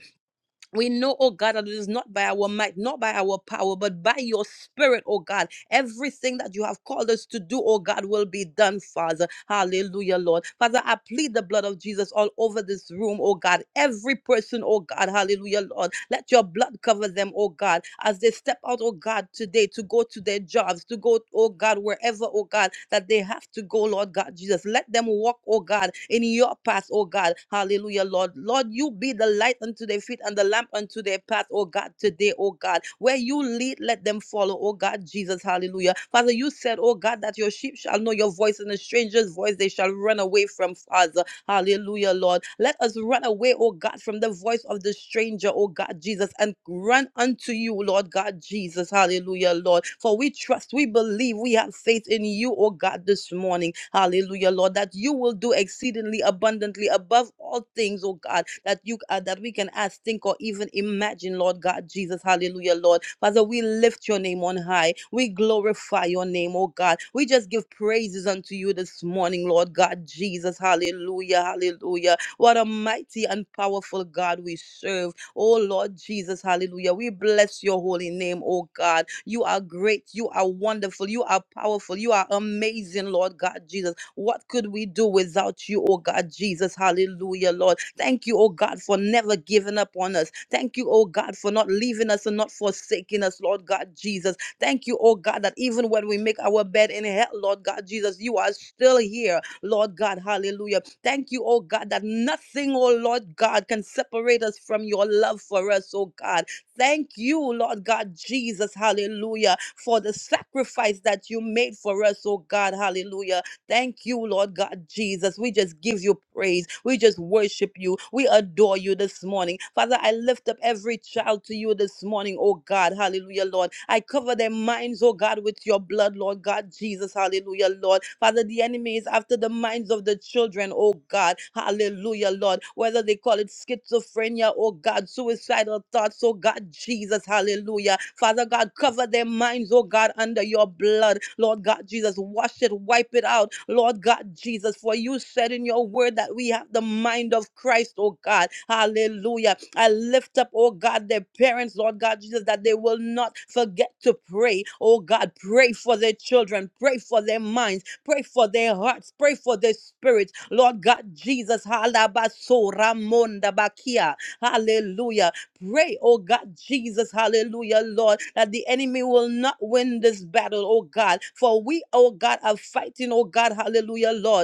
We know, oh God, that it is not by our might, not by our power, but by your spirit, oh God. Everything that you have called us to do, oh God, will be done, Father. Hallelujah, Lord. Father, I plead the blood of Jesus all over this room, oh God. Every person, oh God, hallelujah, Lord. Let your blood cover them, oh God, as they step out, oh God, today to go to their jobs, to go, oh God, wherever, oh God, that they have have to go, Lord God Jesus. Let them walk, oh God, in your path, oh God. Hallelujah, Lord. Lord, you be the light unto their feet and the lamp unto their path, oh God, today, oh God. Where you lead, let them follow, oh God, Jesus. Hallelujah. Father, you said, oh God, that your sheep shall know your voice and a stranger's voice they shall run away from, Father. Hallelujah, Lord. Let us run away, oh God, from the voice of the stranger, oh God, Jesus, and run unto you, Lord God, Jesus. Hallelujah, Lord. For we trust, we believe, we have faith in you, oh God, this morning. Hallelujah, Lord, that you will do exceedingly abundantly abundantly above all things, oh God, that you uh, that we can ask, think, or even imagine, Lord God Jesus. Hallelujah, Lord. Father, we lift your name on high. We glorify your name, oh God. We just give praises unto you this morning, Lord God Jesus. Hallelujah, hallelujah. What a mighty and powerful God we serve. Oh Lord Jesus, hallelujah. We bless your holy name, oh God. You are great. You are wonderful. You are powerful. You are amazing, Lord God Jesus. What could we do without you, oh God, Jesus? Hallelujah, Lord. Thank you, oh God, for never giving up on us. Thank you, oh God, for not leaving us and not forsaking us, Lord God, Jesus. Thank you, oh God, that even when we make our bed in hell, Lord God, Jesus, you are still here, Lord God, hallelujah. Thank you, oh God, that nothing, oh Lord God, can separate us from your love for us, oh God. Thank you, Lord God Jesus, hallelujah, for the sacrifice that you made for us, oh God, hallelujah. Thank you, Lord God Jesus. We just give you praise. We just worship you. We adore you this morning. Father, I lift up every child to you this morning, oh God. Hallelujah, Lord. I cover their minds, oh God, with your blood, Lord God Jesus. Hallelujah, Lord. Father, the enemy is after the minds of the children, oh God. Hallelujah, Lord. Whether they call it schizophrenia, oh God, suicidal idle thoughts, oh God Jesus, hallelujah. Father God, cover their minds, oh God, under your blood. Lord God Jesus, wash it, wipe it out. Lord God Jesus, for you said in your word that we have the mind of Christ, oh God, hallelujah. I lift up, oh God, their parents, Lord God Jesus, that they will not forget to pray, oh God, pray for their children, pray for their minds, pray for their hearts, pray for their spirits, Lord God Jesus, halabaso ramonda bakia, hallelujah. Pray, oh God, Jesus, hallelujah, Lord, that the enemy will not win this battle, oh God. For we, oh God, are fighting, oh God, hallelujah, Lord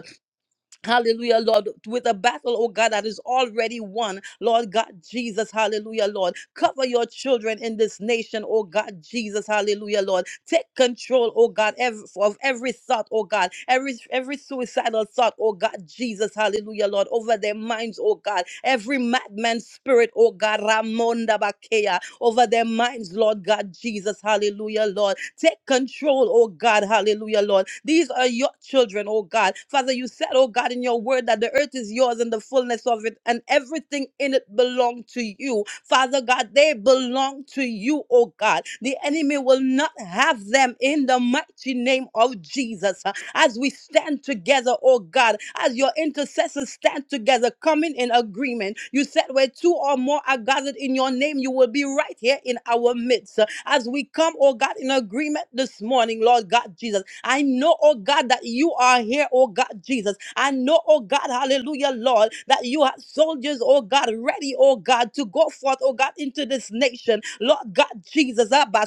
Hallelujah, Lord, with a battle, oh God, that is already won. Lord God, Jesus, hallelujah, Lord. Cover your children in this nation, oh God, Jesus, hallelujah, Lord. Take control, oh God, ev- of every thought, oh God, every every suicidal thought, oh God, Jesus, hallelujah, Lord, over their minds, oh God. Every madman spirit, oh God, Ramonda Bakea, over their minds, Lord God Jesus. Hallelujah, Lord. Take control, oh God. Hallelujah, Lord. These are your children, oh God. Father, you said, oh God, in your word that the earth is yours and the fullness of it, and everything in it belong to you. Father God, they belong to you, oh God. The enemy will not have them in the mighty name of Jesus as we stand together, oh God, as your intercessors stand together, coming in agreement. You said where two or more are gathered in your name, you will be right here in our midst. As we come, oh God, in agreement this morning, Lord God Jesus, I know, oh God, that you are here, oh God Jesus. I know, oh God, hallelujah, Lord, that you have soldiers, oh God, ready, oh God, to go forth, oh God, into this nation. Lord God Jesus, Abba,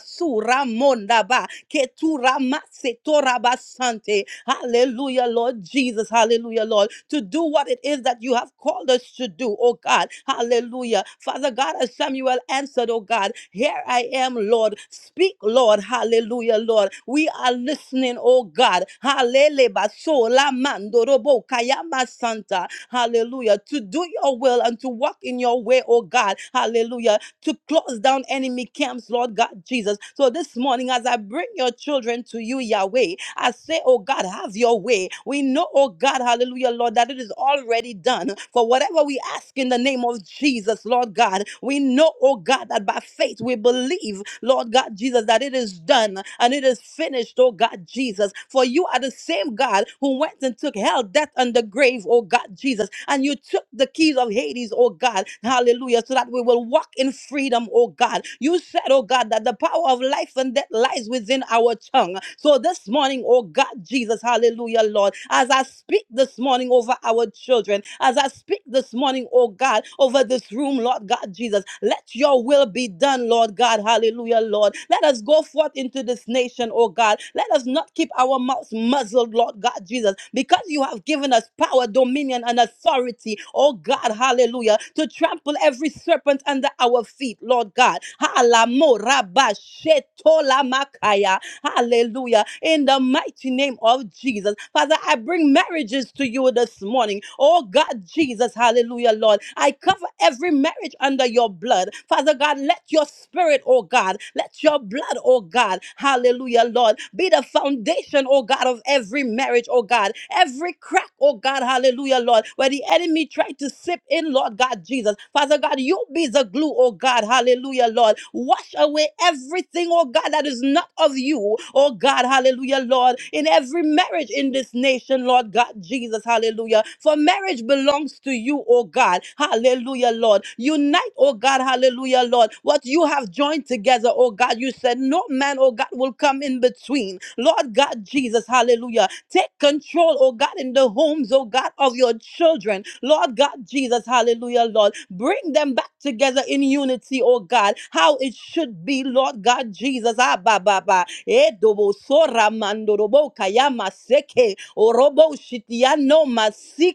mondaba ketura masetora basante. Hallelujah, Lord Jesus. Hallelujah, Lord. To do what it is that you have called us to do, oh God. Hallelujah. Father God, as Samuel answered, oh God, here I am, Lord. Speak, Lord. Hallelujah, Lord. We are listening, oh God. Hallelujah. baso la mando robo kayama santa. Hallelujah. To do your will and to walk in your way, oh God. Hallelujah to close down enemy camps, Lord God Jesus. So this morning, as I bring your children to you, Yahweh, I say, oh God, have your way. We know, oh God, hallelujah, Lord, that it is already done. For whatever we ask in the name of Jesus, Lord God, we know, oh God, that by faith we believe, Lord God Jesus, that it is done and it is finished, oh God Jesus. For you are the same God who went and took hell, death, and the grave, oh God, Jesus. And you took the keys of Hades, oh God. Hallelujah. So that we will walk in freedom, oh God. You said, oh God, that the power of life and death lies within our tongue. So this morning, oh God, Jesus, hallelujah, Lord, as I speak this morning over our children, as I speak this morning, oh God, over this room, Lord God Jesus. Let your will be done, Lord God. Hallelujah, Lord. Let us go forth into this nation, oh God. Let us not keep our mouths muzzled, Lord God Jesus, because you have given us power, dominion, and authority, oh God. Hallelujah, to trample every serpent under our feet, Lord God. Halamo rabashetolamakaya. Hallelujah. In the mighty name of Jesus. Father, I bring marriages to you this morning. Oh God, Jesus. Hallelujah, Lord. I cover every marriage under your blood. Father God, let your spirit, oh God, let your blood, oh God, hallelujah, Lord, be the foundation, oh God, of every marriage, oh God, every crack, oh God, hallelujah, Lord, where the enemy tried to sip in, Lord God, Jesus. Father God, you be the glue, oh God. Hallelujah, Lord. Wash away everything, oh God, that is not of you, oh God. Hallelujah, Lord. In every marriage in this nation, Lord God Jesus, hallelujah. For marriage belongs to you, oh God. Hallelujah, Lord. Unite, oh God, hallelujah, Lord. What you have joined together, oh God, you said no man, oh God, will come in between. Lord God Jesus, hallelujah. Take control, oh God, in the homes, oh God, of your children. Lord God Jesus, hallelujah, Lord. Bring them back together in unity, oh God, how it should be, Lord God Jesus. Ah, ba, ba, ba. Eh, dobo, sora, mando, kayama, seke, orobo, shitiano, masi,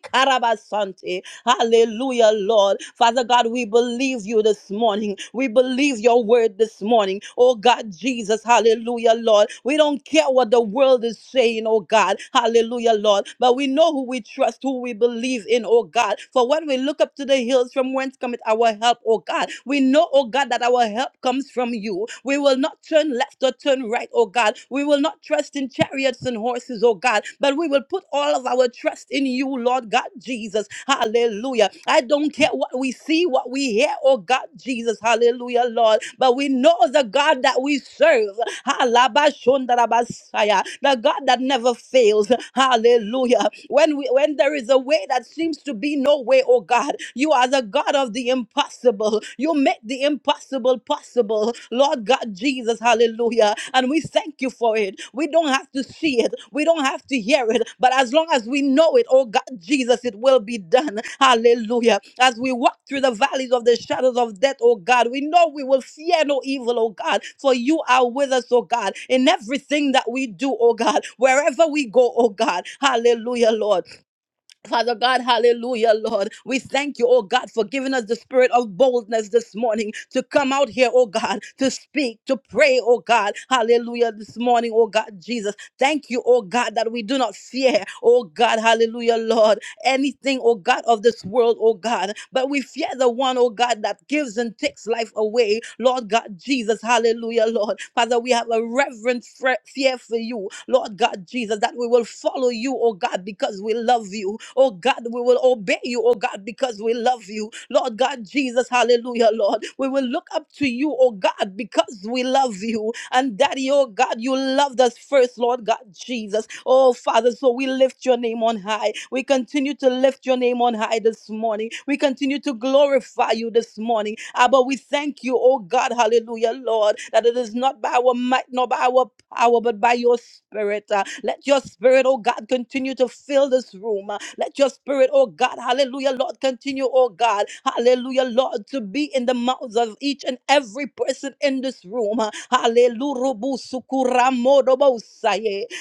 Hallelujah, Lord. Father God, we believe you this morning. We believe your word this morning. Oh God, Jesus, hallelujah, Lord. We don't care what the world is saying, oh God, hallelujah, Lord. But we know who we trust, who we believe in, oh God. For when we look up to the hills from whence cometh our help, oh God, we know, oh God, that our help comes from you. We will not turn left or turn right, oh God. We will not trust trust in chariots and horses, oh God, but we will put all of our trust in you, Lord God Jesus. Hallelujah. I don't care what we see, what we hear, oh God Jesus. Hallelujah, Lord. But we know the God that we serve. Halabashondarabasaya, The God that never fails. Hallelujah. When we when there is a way that seems to be no way, oh God, you are the God of the impossible. You make make the impossible possible, Lord God Jesus. Hallelujah. And we thank you for it. We don't have to see it, we don't have to hear it, but as long as we know it, oh God Jesus, it will be done. Hallelujah. As we walk through the valleys of the shadows of death, oh God, we know we will fear no evil, oh God, for you are with us, oh God, in everything that we do, oh God, wherever we go, oh God. Hallelujah, Lord. Father God, hallelujah, Lord. We thank you, oh God, for giving us the spirit of boldness this morning to come out here, oh God, to speak, to pray, oh God, hallelujah, this morning, oh God, Jesus. Thank you, oh God, that we do not fear, oh God, hallelujah, Lord anything, oh God, of this world, oh God. But we fear the one, oh God, that gives and takes life away. Lord God Jesus, hallelujah, Lord. Father, we have a reverent fre- fear for you, Lord God Jesus, that we will follow you, oh God, because we love you. Oh God, we will obey you, oh God, because we love you. Lord God Jesus, hallelujah, Lord. We will look up to you, oh God, because we love you. And Daddy, oh God, you loved us first, Lord God Jesus. Oh Father, so we lift your name on high. We continue to lift your name on high this morning. We continue to glorify you this morning. Abba, we thank you, oh God, hallelujah, Lord, that it is not by our might, nor by our power, but by your spirit. Uh, let your spirit, oh God, continue to fill this room. Uh, let your spirit, oh God, hallelujah, Lord, continue, oh God, hallelujah, Lord, to be in the mouths of each and every person in this room. Uh, hallelujah.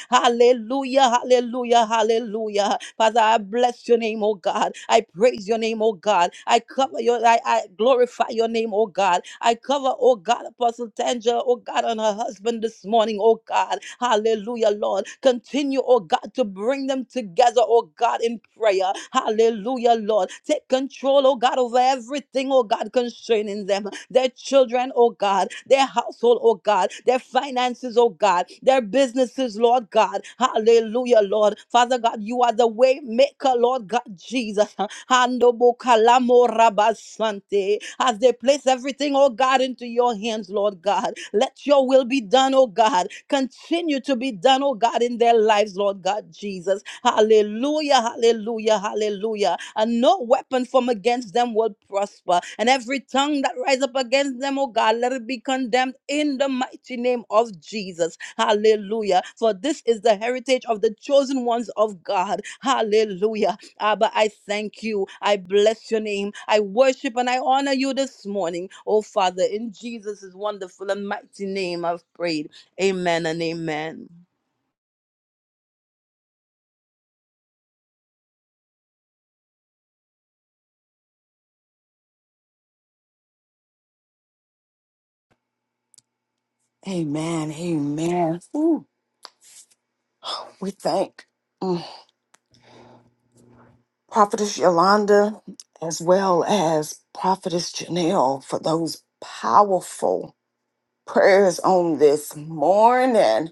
Hallelujah, hallelujah, hallelujah. Father, I bless your name, oh God. I praise your name, oh God. I cover your, I, I glorify your name, oh God. I cover, oh God, Apostle Tanja, oh God, and her husband this morning, oh God. Hallelujah, Lord. Continue, oh God, to bring them together, oh God, in prayer. Hallelujah, Lord. Take control, oh God, over everything, oh God, concerning them their children, oh God, their household, oh God, their finances, oh God, their businesses, Lord God. Hallelujah, Lord. Father God, you are the way maker, Lord God, Jesus. Ando bokalamo rabasante. As they place everything, oh God, into your hands, Lord God. Let your will be done, oh God. Continue to be done, oh God, in their lives, Lord God Jesus. Hallelujah, hallelujah, hallelujah. And no weapon from against them will prosper. And every tongue that rise up against them, oh God, let it be condemned in the mighty name of Jesus. Hallelujah. For this is the heritage of the chosen ones of God. Hallelujah. Abba, I thank you. I bless your name. I worship and I honor you this morning. Oh, Father, in Jesus' wonderful and mighty name, I've prayed. Amen and amen. Amen. Amen. Ooh, we thank. Prophetess Yolanda, as well as Prophetess Janelle, for those powerful prayers on this morning.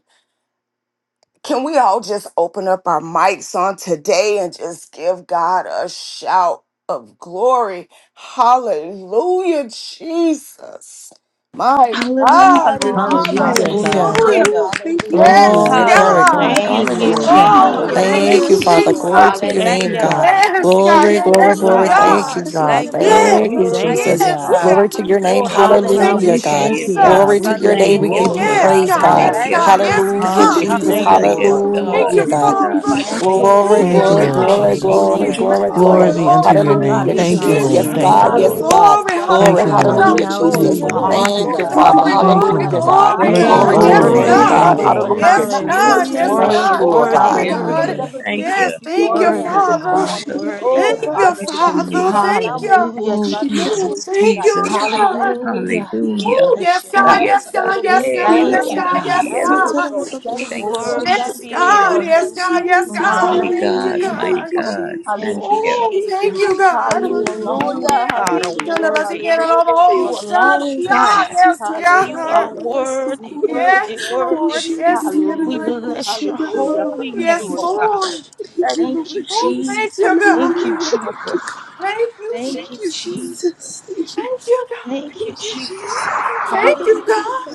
Can we all just open up our mics on today and just give God a shout of glory? Hallelujah, Jesus. My Hallelujah. God, Thank you, Oh, Hallelujah. Hallelujah, Jesus. Hallelujah. God. Hallelujah, hallelujah. Ooh, Hallelujah. thank you, Thank God. you, hallelujah. Yes, Glory, glory, Lord. Hallelujah. Hallelujah, glory. God. Manda Thank you, Thank you, Jesus. Lord. basiki. Oh, Hallelujah. anda Oh, Hallelujah. baba Jesus. thank Thank Thank you, Hallelujah. you, thank you, you, Father. basutri, Jesus. Lord. anda Lord, Glory to for your Thank the Thank name, you, Hallelujah, you, basiki. word. God. God. God. We Jesus. Yes, Nandabasiki, andabababasuturi, andabasiki. God. bless Glory, you, Hallelujah. Thank oh you, glory, Yes, Yes, glory. Yes, God. Lord. Thank God. you, God. God. God. Ilamandulabakosatiri, Yes, Thank You you, are Lord. God. Thank We you, Yes. Yes, Thank thank you, Jesus. worthy, andabababasiki. you, yes, God. Lord. God. Glory to God. your name. Hallelujah. Ora Yes, Ooh, Lord. God, Thank muraba. you, Hallelujah, Yeah, we yeah, God. thank yeah, Teke you, Lord. robo Hallelujah. God. Glory Jesus. We to your give sande you name. Thank We you, robo Ilamandulabakos- give you glory, Lord. seya. Yes, God. Thank praise, you, God. God. Thank Yes, God, Thank you. you, God. Hallelujah. Yes, Hallelujah, Jesus. for God. Ndiri, Jesus. doing Thank Hallelujah. it, you, oh Hallelujah. Yes, Lord. Ooh, Lord. God. Thank Oh, Hallelujah, you, we God. andabababasitiri, Yes, ndiri. God. Father. glorify your Thank name. you, Thank Lord. Oh, you, Glory, Thank We Thank you, you, bless Lord. glory, your praise Lord God. your name, glory, name. Jesus. Jesus. Ooh, glory, We Thank Hallelujah. you, glory, Ooh, magnify Glory glory. Father. your be andabababasiki, andabababasiki. unto Glory, name, Hallelujah. your oh God, name. Hallelujah, We hallelujah, this Thank you, Thank Jesus. you, morning. bless Yes, Lord. your Father. Jesus. Thank Hallelujah. you, God. Yes, Lord. God. holy Glory, Hallelujah. name, oh Thank Glory. you, God. Lord. Hallelujah. Glory, hallelujah. Hallelujah, Ndiri, Glory, Thank andababakositiri, Jesus. We you, hallelujah. glory, Lord. Thank you, honor andababasiki. Oh, Thank glory. you, you, to God. Father. glory, Abba. Thank you, glory, glory, God. Hallelujah, Lord. God. glory, Hallelujah. You Abba, Bless are your Thank God. Glory you, to Father. Oh, your holy Yes, name, Lord. bless name. worthy, your Savior, God. God. Thank you, name. Lord. Lord. Redeemer, Hallelujah, Yes, Yes, Master, God. Jesus. God. Hallelujah. Yes, Ondamabababasitiri, Ruler. Worthy, Thank you, God. Oh, Lord worthy, Father, Glory, God. Yeah, we place God. Lord. worthy. Hallelujah. andababasiki. Thank everything you. Yes, into She thank your did you, the hands Worthy Oh, edible this God, Father. course, she morning. Father. did the worthy paper Oh, Thank God. of you, Father, the Bless your thank you, Father. name. God. Thank Namoro you. Hallelujah, Oh, she did Sunday, Oh, the Jesus. Jesus, thank you, Sunday. Jesus. God. Thank you, Hallelujah. We Hallelujah. Jesus. Oh, bless yes, you, Oh, God. God. Thank yes, Yes, you, God. God. Lord Yes, We Hey, God. please, thank Yes, I'm Lord. you, my Santa. God. mom God. is Yes, Yeah, Thank so Lord. you, God. terrible. Lord. Thank you, Thank We Thank you, you, Lord. worship Thank Yes, Jesus. you, you, God. Lord. Lord. Yes, Thank God. you, Yes, Oh, Jesus. Jesus. mighty God. Thank you, God, Hallelujah. Hallelujah. mighty Thank God. you, Oh, God. Jesus. hallelujah. Thank Thank you, you. Oh, Thank you, thank you, Jesus. Lord. For God. you Thank you, alone, Hallelujah. oh God, Yay. are None Lord Hallelujah. of us worthy. again. All the Yes, You whole Hallelujah. Thank you, Lord shot, alone, down. Jesus. God. Yes, Sita Baba You Baba are Hallelujah. God. Baba worthy, Jesus. Sukuri. worthy, Yes, We worthy. Lord. shared it Yes, in the other We Hallelujah. Lord. book of bless your Sundar Hallelujah. Baba holy Ooh, Baba yes, name, oh Siki. Hallelujah. Lord. God. Thank you, Thank Thank Lord you, Oh, Jesus. thank Jesus. you, Thank God. you, Hallelujah. Thank you. Jesus. Thank you, Thank Thank you, you, Jesus. Jesus. Jesus. Thank you. Thank you, God. Thank Thank you, you, Jesus. Jesus. Thank Thank you, Hallelujah. God.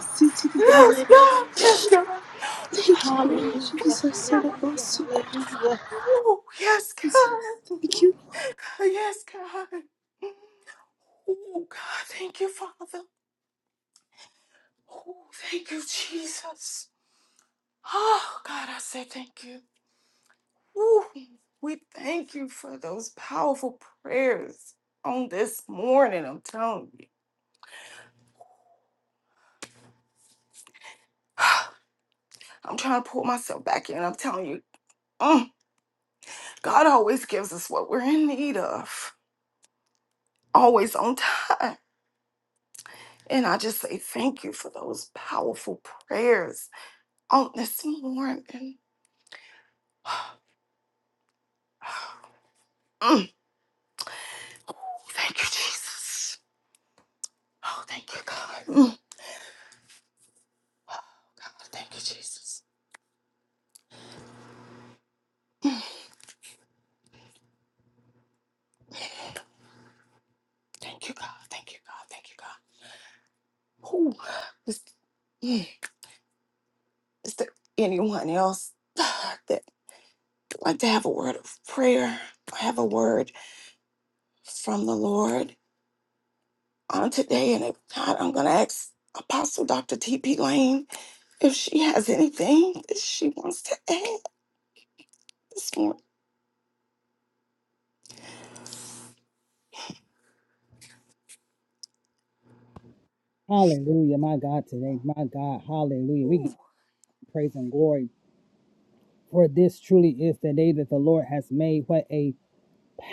Yes, Hallelujah. God. Yes, God. you, Hallelujah. Lord Ooh, thank you, Jesus. God. And also, Hallelujah. Hallelujah. Ooh, yes, Jesus. God. Thank you. Yes, God. Oh, God. Thank you, Father. Oh, thank you, Jesus. Oh, God, I say thank you. Whew. We thank you for those powerful prayers on this morning. I'm telling you. I'm trying to pull myself back in. I'm telling you. mm, God always gives us what we're in need of, always on time. And I just say thank you for those powerful prayers on this morning. Mm, Thank you, Jesus. Oh, thank you, God. Mm, God. Thank you, Jesus. Thank you, God. Thank you, God. Thank you, God. Ooh, this- yeah. Is there anyone else that would like to have a word of prayer? I have a word from the Lord on today, and if not, I'm going to ask Apostle Dr. T.P. Lane if she has anything that she wants to add this morning. Hallelujah, my God, today, my God, hallelujah. We give you praise and glory for this truly is the day that the Lord has made. What a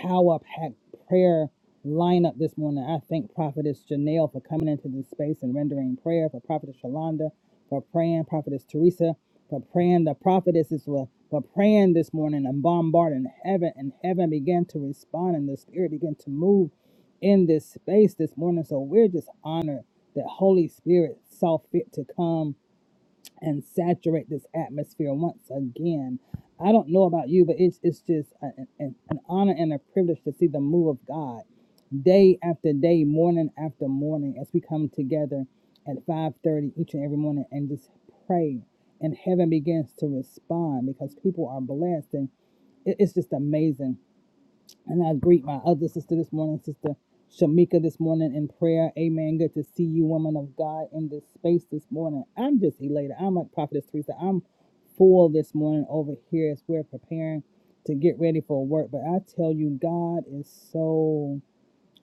power packed prayer lineup this morning. I thank Prophetess Janelle for coming into this space and rendering prayer, for Prophetess Shalonda for praying, Prophetess Teresa for praying, the prophetesses were for praying this morning and bombarding heaven, and heaven began to respond, and the Spirit began to move in this space this morning. So we're just honored that Holy Spirit saw fit to come and saturate this atmosphere once again. I don't know about you, but it's, it's just an, an, an honor and a privilege to see the move of God day after day, morning after morning, as we come together at 5.30 each and every morning and just pray. And heaven begins to respond because people are blessed. And it, it's just amazing and I greet my other sister this morning, Sister Shamika, this morning in prayer. Amen. Good to see you, woman of God, in this space this morning. I'm just elated. I'm like Prophetess Teresa. I'm full this morning over here as we're preparing to get ready for work. But I tell you, God is so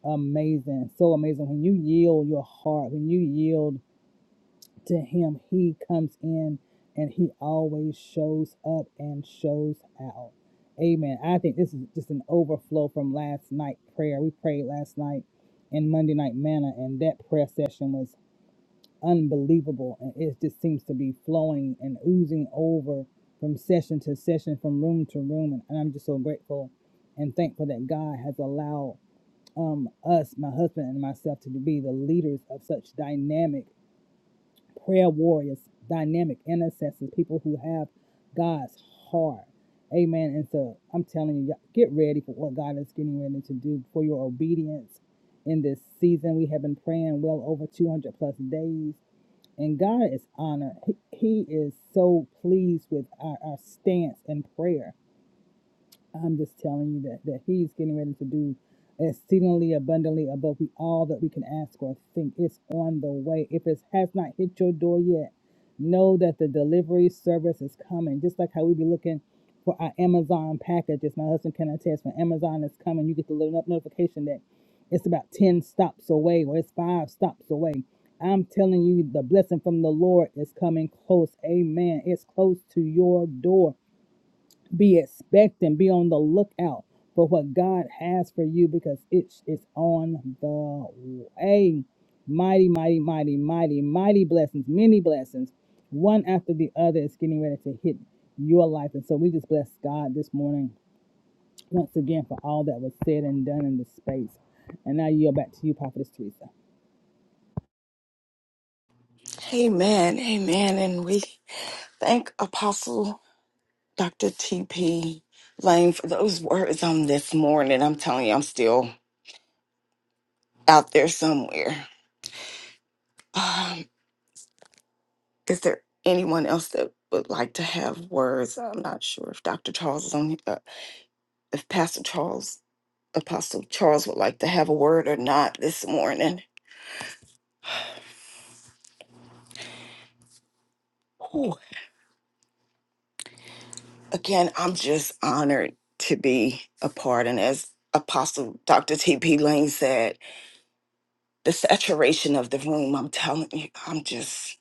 amazing. So amazing. When you yield your heart, when you yield to him he comes in and he always shows up and shows out amen i think this is just an overflow from last night prayer we prayed last night in monday night manna and that prayer session was unbelievable and it just seems to be flowing and oozing over from session to session from room to room and, and i'm just so grateful and thankful that god has allowed um, us my husband and myself to be the leaders of such dynamic prayer warriors, dynamic intercessors, people who have God's heart. Amen. And so I'm telling you, y'all, get ready for what God is getting ready to do for your obedience in this season. We have been praying well over 200 plus days, and God is honored. He, he is so pleased with our, our stance in prayer. I'm just telling you that, that he's getting ready to do exceedingly abundantly above we all that we can ask or think. It's on the way. If it has not hit your door yet, know that the delivery service is coming. Just like how we be looking for our Amazon packages. My husband can attest when Amazon is coming, you get the little no- notification that it's about 10 stops away or it's five stops away. I'm telling you, the blessing from the Lord is coming close. Amen. It's close to your door. Be expecting, be on the lookout for what God has for you because it is on the way. Mighty, mighty, mighty, mighty, mighty blessings, many blessings, one after the other is getting ready to hit your life. And so we just bless God this morning once again for all that was said and done in this space. And now I yield back to you, Prophetess Teresa. Amen, amen, and we thank Apostle Dr. T.P. Lane for those words on this morning. I'm telling you, I'm still out there somewhere. Is there anyone else that would like to have words? I'm not sure if Dr. Charles is on, he- uh, if Pastor Charles, Apostle Charles would like to have a word or not this morning. Whew. Again, I'm just honored to be a part. And as Apostle Dr. T.P. Lane said, the saturation of the room, I'm telling you, I'm just,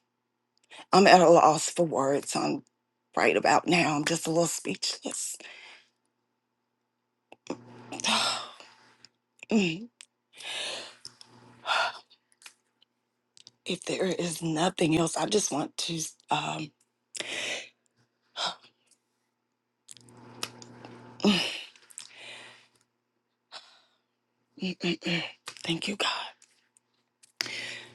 I'm at a loss for words. I'm right about now. I'm just a little speechless. Mm, if there is nothing else, I just want to. Um, Mm-mm-mm. Thank you, God.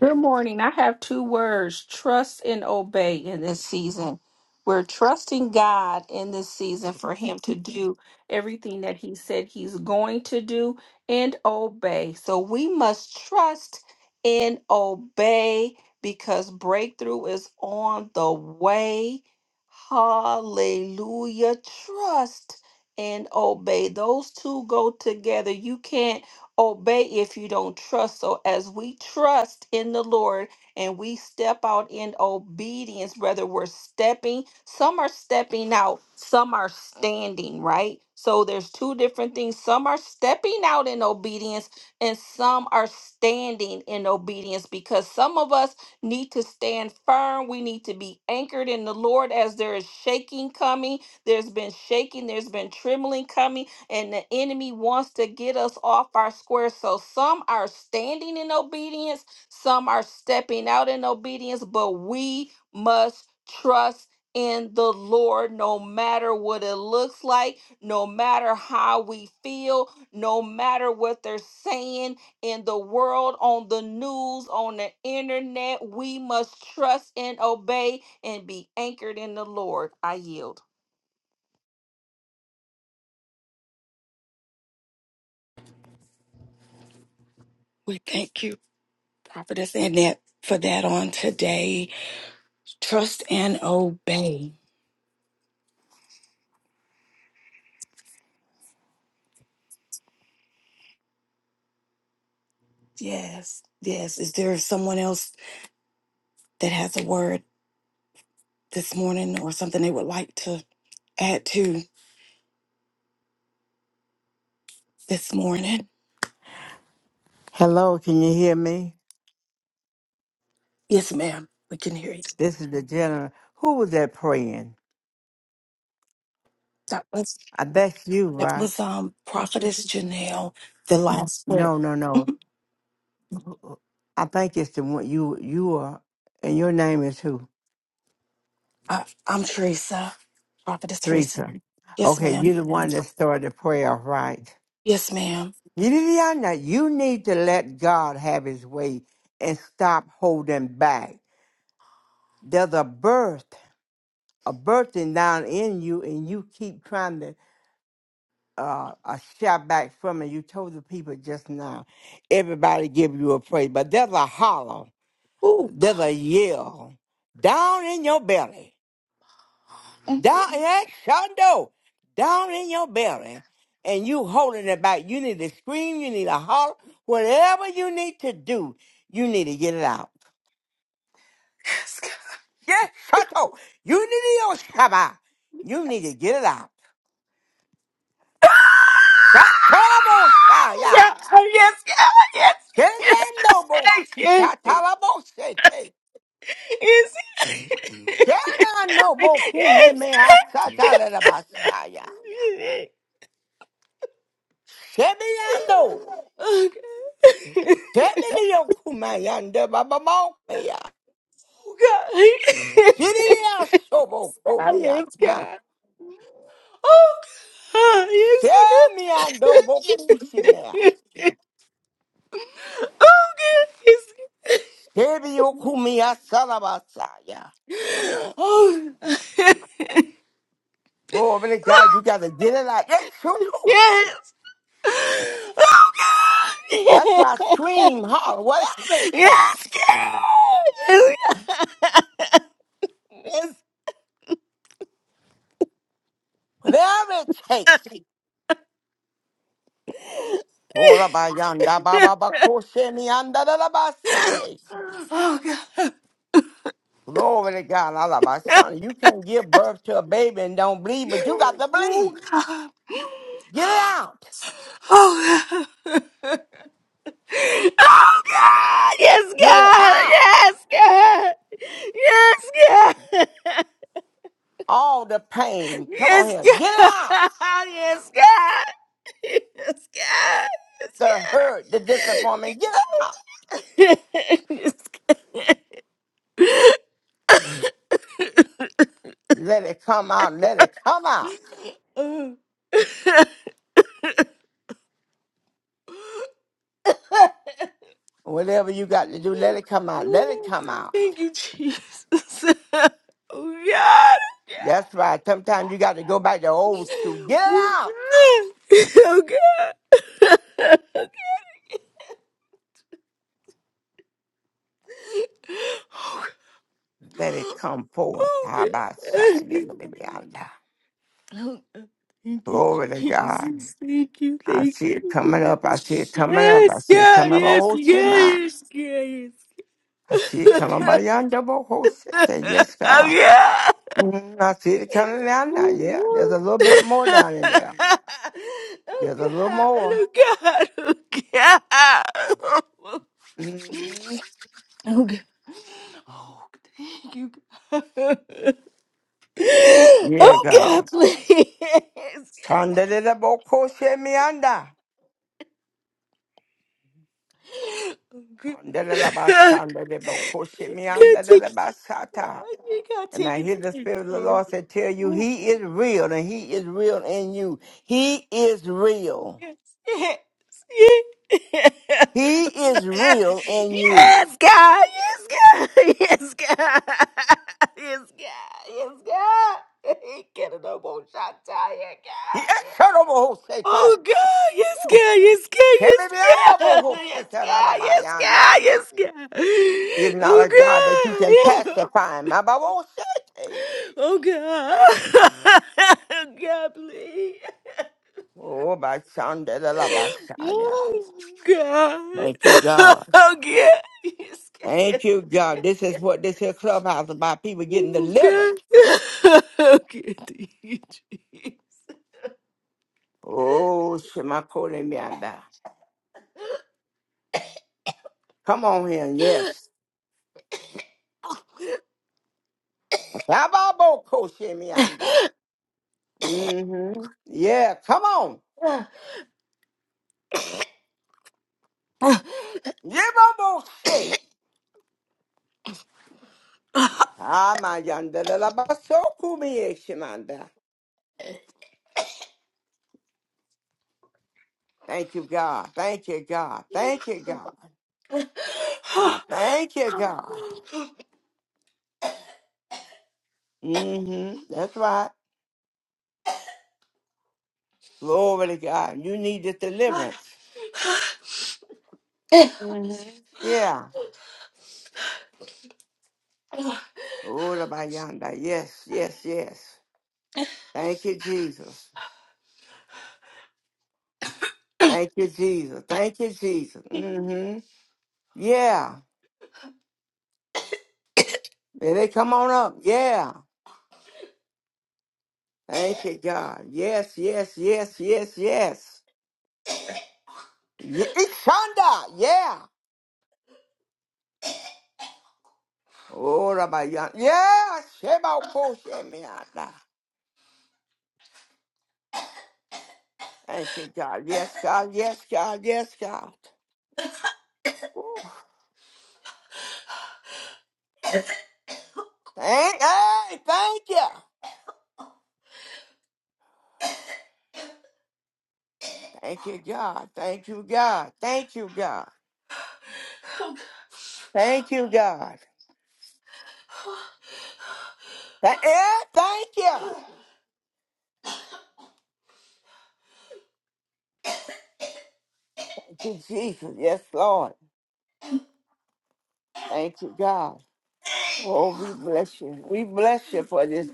Good morning. I have two words trust and obey in this season. We're trusting God in this season for Him to do everything that He said He's going to do and obey. So we must trust and obey because breakthrough is on the way. Hallelujah. Trust and obey. Those two go together. You can't obey if you don't trust. So, as we trust in the Lord and we step out in obedience, whether we're stepping, some are stepping out, some are standing, right? So, there's two different things. Some are stepping out in obedience, and some are standing in obedience because some of us need to stand firm. We need to be anchored in the Lord as there is shaking coming. There's been shaking, there's been trembling coming and the enemy wants to get us off our square. So some are standing in obedience, some are stepping out in obedience, but we must trust in the Lord no matter what it looks like, no matter how we feel, no matter what they're saying in the world, on the news, on the internet. We must trust and obey and be anchored in the Lord. I yield. We thank you, Prophetess Annette, for that on today. Trust and obey. Yes, yes. Is there someone else that has a word this morning or something they would like to add to this morning? Hello, can you hear me? Yes, ma'am. We can hear you. This is the gentleman. Who was that praying? That was I bet you, that right? was um Prophetess Janelle, the last prayer. No, no, no. Mhm. Who- I think it's the one you you are, and your name is who? I, I'm Teresa, Prophetess Teresa. Teresa. Yes, Okay, ma'am. you're the one that started the prayer, right? Yes, ma'am. You need to know that you need to let God have His way and stop holding back. There's a birth, a birthing down in you, and you keep trying to uh, a shout back from it. You told the people just now, everybody give you a praise, but there's a holler, Oh, there's a yell down in your belly, God. down in that shondo, down in your belly, and you holding it back. You need to scream, you need to holler, whatever you need to do, you need to get it out. Mm. Yes, Shato, you need to yell, Shabbat. You need to get it out. That's all I'm gonna say, yeah. Yes, yes, yes, Get yes, it no, yes, Shenano boku yes, neme asata la basaya. yes. Shebiando. Oh God, Shebiyo kumayande baba mokeya. oh God, yes, God, Siriya sobo oh God, yes, kumiyata. God, oh God, yes, Shemiando boku shimea. Shebiyo kumiya salabasaya. oh Oh, but God, you gotta get it out. That's true. too. yes, That's oh why I God. scream hard. Whatever it Yes, takes. yes, yes. Whatever it takes. Ora bayanda yes, yes. baba bako shemianda la la basete. Oh God! Glory to God. I love my Oh son, you can't give birth to a baby and don't bleed, but you got to bleed. God! Get it out. Oh God! Oh God! Yes, Get it God! out. Yes, God! Yes, God! All the pain. Come on Yes, here. God! Yes, Get it God! out. Yes, God! Yes, God! The hurt, the disappointment. Get it. Let it come out. Let it come out. Yes, God! Whatever you got to do, let it come out. Let it Oh, come out. Thank you, Jesus. oh God. That's right. Sometimes you got to go back to old school. Get it out. Oh God. Oh God. Let it come forth. Oh God. Oh How about shy? God. Oh, God. Thank you, Glory to God. Jesus. Thank you. I Thank see it coming you. up. I see it coming up. I Yes, see it yeah, coming up. yes, Oh, yeah, shit, man. yes, yeah, I see it coming by yes. yonder. Oh, shit. Say, Yes, oh God. yeah. Mm, I see it coming down now. Yeah, there's a little oh bit more down in there. There's a little god! more. Oh god! Oh god! mm hmm Oh god! Oh, thank you, God. Yeah, Oh God. god, please. Tandelele boko she mi anda. Oh Tandelele ba god. boko she mi anda God, lele take it. ba Oh, God, And I take hear the Spirit of the it. Lord say, Tell you, He is real, and He is real in you. He is real. Yes. Yes. Yes. He is real in you. yes, God. Yes, God. Yes, God. Yes, God. Yes, God. He Get it up on shot tire, Yes, God. yeah. Shadabohoseta. Oh, God. Yes, God. Yes, God. Yes, God. Yes, God. Yes, Shebebeandabohosetalalabaianda. God. Yes, God. Is not a God that you can Oh, God. pacify. Mababosete. Oh, God. God, please. Oh, Bashandalalabashaya. Oh, God. Thank you, God. Oh, God. Yes, Thank you, God. God. This is what this here clubhouse about people getting Mm, delivered. Good. Good thank you, Jesus. Oh, Shemakole Come on here, yes. Shababoko Shemianda. Mm-hmm. Yeah, come on. Yebaboshe. Amayandalabasokumiyeshimanda. Thank you, God. Thank you, God. Thank you, God. I thank you, God. Mm-hmm. That's right. Glory to God. You need the deliverance. Mm-hmm. Yeah. Urabayanda. Yes, yes, yes. Thank you, Jesus. Thank you, Jesus. Thank you, Jesus. Mm-hmm. Yeah. May they come on up. Yeah. Thank you, God. Yes, yes, yes, yes, yes. Ye- Ishanda, yeah. Oh, Rabbi, Yan- yeah. Sheba Oko Shemianda. Thank you, God. Yes, God. Yes, God. Yes, God. Woo. Thank, hey, thank you. Thank you, God. Thank you, God. Thank you, God. Thank you, God. Th- yeah, thank you. Thank you, Jesus. Yes, Lord. Thank you, God. Oh, we bless you. We bless you for this.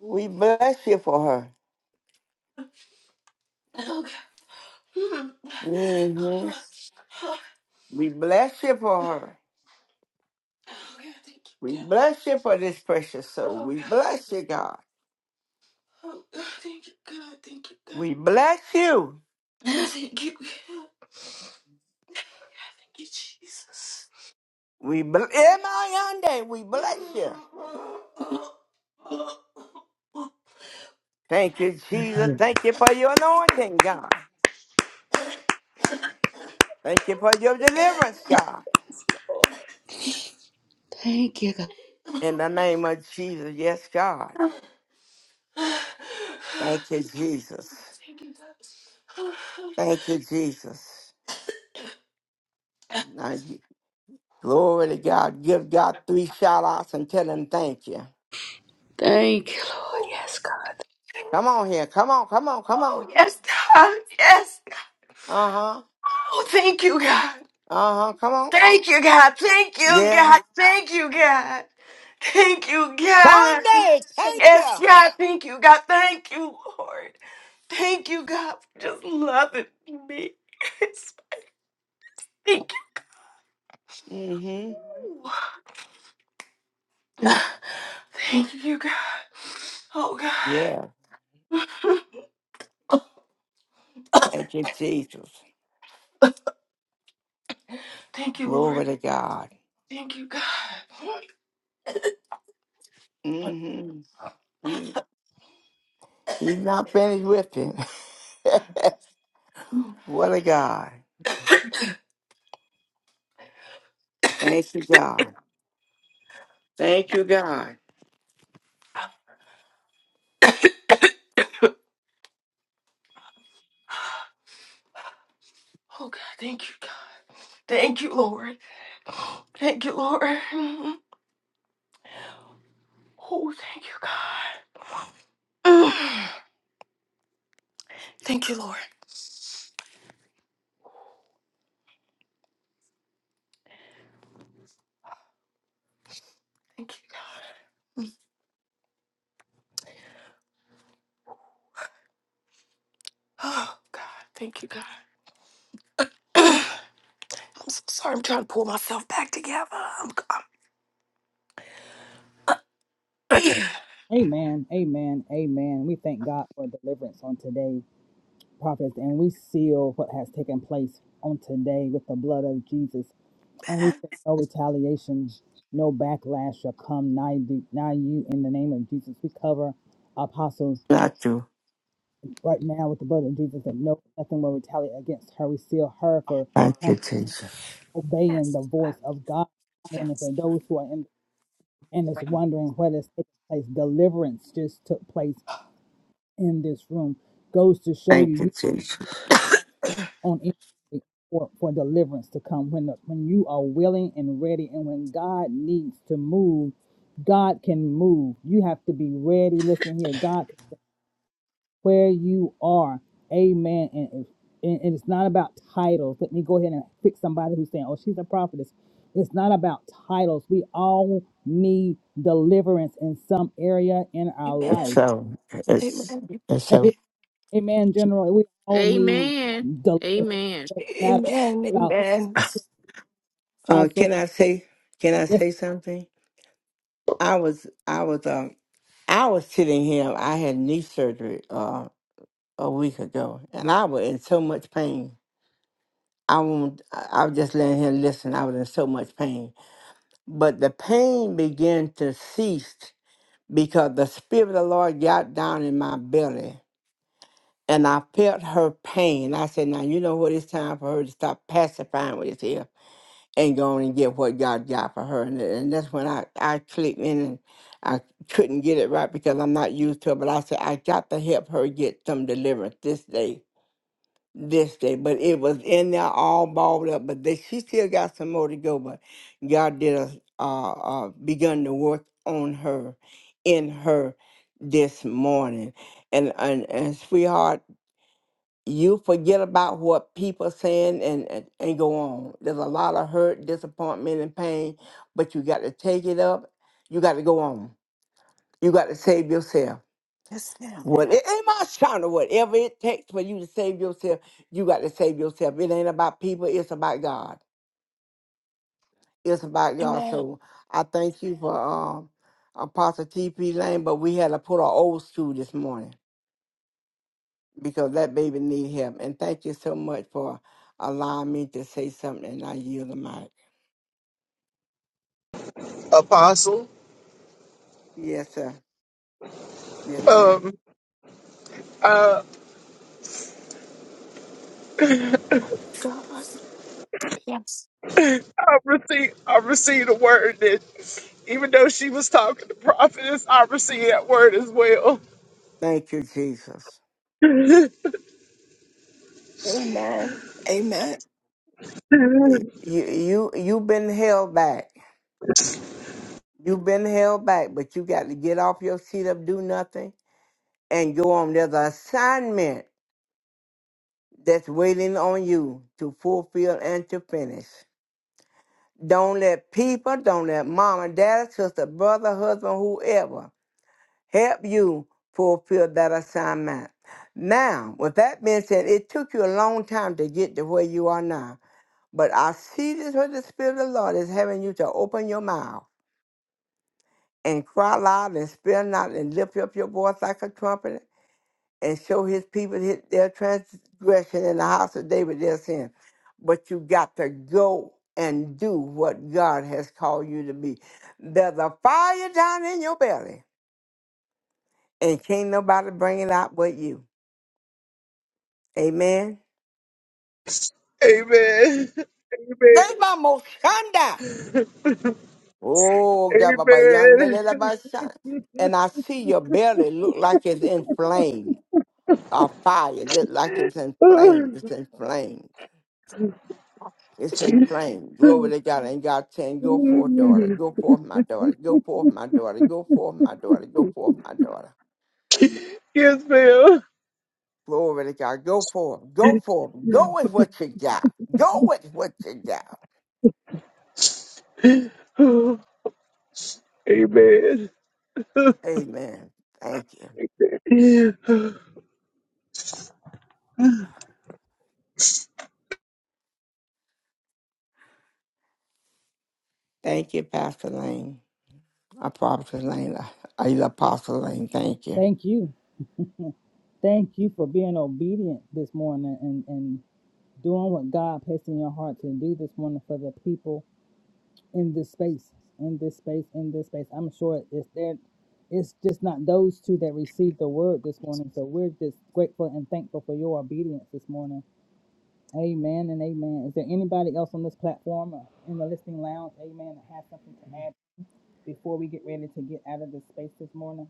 We bless you for her. hmm We bless you for her. We bless you for this precious soul. We bless you, God. We bless you. We bless Yonde. We bless you. Thank you, Jesus. Thank you for your anointing, God. Thank you for your deliverance, God. Lord. In the name of Jesus, yes, God. Thank you, Jesus. Thank you, Jesus. Now, gi- glory to God. Give God three shout outs and tell him thank you. Thank you, Lord. Yes, God. Come on here. Come on. Come on. Come Oh on. yes, yes. God, Yes, Uh huh. Oh, thank you, God. Uh huh. Come on. Thank you, God. Thank you, Yeah. God. Thank you, God. Thank you, God. Sunday. Thank you. Yes, God. Thank you, God. Thank you, Lord. Thank you, God, for just loving me. Thank Mm-hmm. you. Thank you, God. Oh, God. Yeah. Thank you, Jesus. Thank you, Lord. Glory to God. Thank you, God. Mm-hmm. You, he's not finished with him. what a God. Thank you, God. Thank you, God. Oh, God. Thank you, God. Thank you, Lord. Thank you, Lord. Oh, thank you, God. Thank you, Lord. Thank you, God. Oh, God. Thank you, God. I'm so sorry. I'm trying to pull myself back together. I'm, I'm- Amen, amen, amen. We thank God for deliverance on today. prophets, and we seal what has taken place on today with the blood of Jesus. And we say no retaliation, no backlash shall come nigh, thee- nigh you in the name of Jesus. We cover Apostle Got you. right now with the blood of Jesus that no nothing will retaliate against her. We seal her for Thank you, um, Jesus. obeying the voice of God. And for those who are in and is wondering what has taken place, deliverance just took place in this room. Goes to show Thank you, you, Jesus. on anything for, for deliverance to come. When the, when you are willing and ready, and when God needs to move, God can move. You have to be ready. Listen here, God, where you are, Amen. And, and and it's not about titles. Let me go ahead and fix somebody who's saying, "Oh, she's a prophetess." It's not about titles. We all need deliverance in some area in our It's life. amen. so, it's, Amen. it's so. Amen, General. We all need Amen. deliverance. No Amen. Matter Amen. about Amen. Uh, can also. I say, can I say something? I was, I was, um, I was sitting here. I had knee surgery a week ago, and I was in so much pain. I won't. I I was just letting him listen. I was in so much pain, but the pain began to cease because the spirit of the Lord got down in my belly, and I felt her pain. I said, "Now you know what? It's time for her to stop pacifying with this here and go on and get what God got for her." And, and that's when I I clicked in and. I couldn't get it right because I'm not used to it, but I said I got to help her get some deliverance this day this day, but it was in there all balled up. But they, she still got some more to go. But God did a uh, uh, begun to work on her, in her, this morning. And and and sweetheart, you forget about what people saying and and, and go on. There's a lot of hurt, disappointment, and pain, but you got to take it up. You got to go on. You got to save yourself. Yes, ma'am. Well, it ain't my shine or whatever it takes for you to save yourself, you got to save yourself. It ain't about people, it's about God. It's about God. Amen. So I thank you for um Apostle TP Lane, but we had to put our old school this morning because that baby need help. And thank you so much for allowing me to say something and I yield the mic. Apostle. Yes, sir. Yes, ma'am. Um, uh, God. Yes. I received I received a word that even though she was talking to prophetess, I received that word as well. Thank you, Jesus. Amen. Amen. Amen. You you you been held back. You've been held back, but you got to get off your seat up, do nothing and go on. There's an assignment that's waiting on you to fulfill and to finish. Don't let people, don't let mom and dad, sister, brother, husband, whoever help you fulfill that assignment. Now, with that being said, it took you a long time to get to where you are now. But I see this where the Spirit of the Lord is having you to open your mouth and cry loud and spare not and lift up your voice like a trumpet and show his people his, their transgression in the house of David their sin. But you got to go and do what God has called you to be. There's a fire down in your belly, and can't nobody bring it out but you. Amen. That's my most shanda. Oh, God, ba, yonder, Amen. da, da, ba, shan. and I see your belly look like it's inflamed. A fire, just like it's inflamed. Amen. It's inflamed. It's inflamed. Glory to God. And God saying, Go forth, daughter. Go forth, my daughter. Go forth, my daughter. Go forth, my daughter. Go forth, my daughter. yes, ma'am. Glory to God. Go forth. Go forth. Go with what you got. Go with what you got. Amen. Amen. Thank you. Thank you, Pastor Lane. I Prophet Lane. I I- Apostle Lane. Thank you. Thank you. Thank you for being obedient this morning and, and doing what God placed in your heart to do this morning for the people in this space, in this space, in this space. I'm sure it's there. It's just not those two that received the word this morning. So we're just grateful and thankful for your obedience this morning. Amen and amen. Is there anybody else on this platform or in the listening lounge? Amen. That has something to add before we get ready to get out of this space this morning.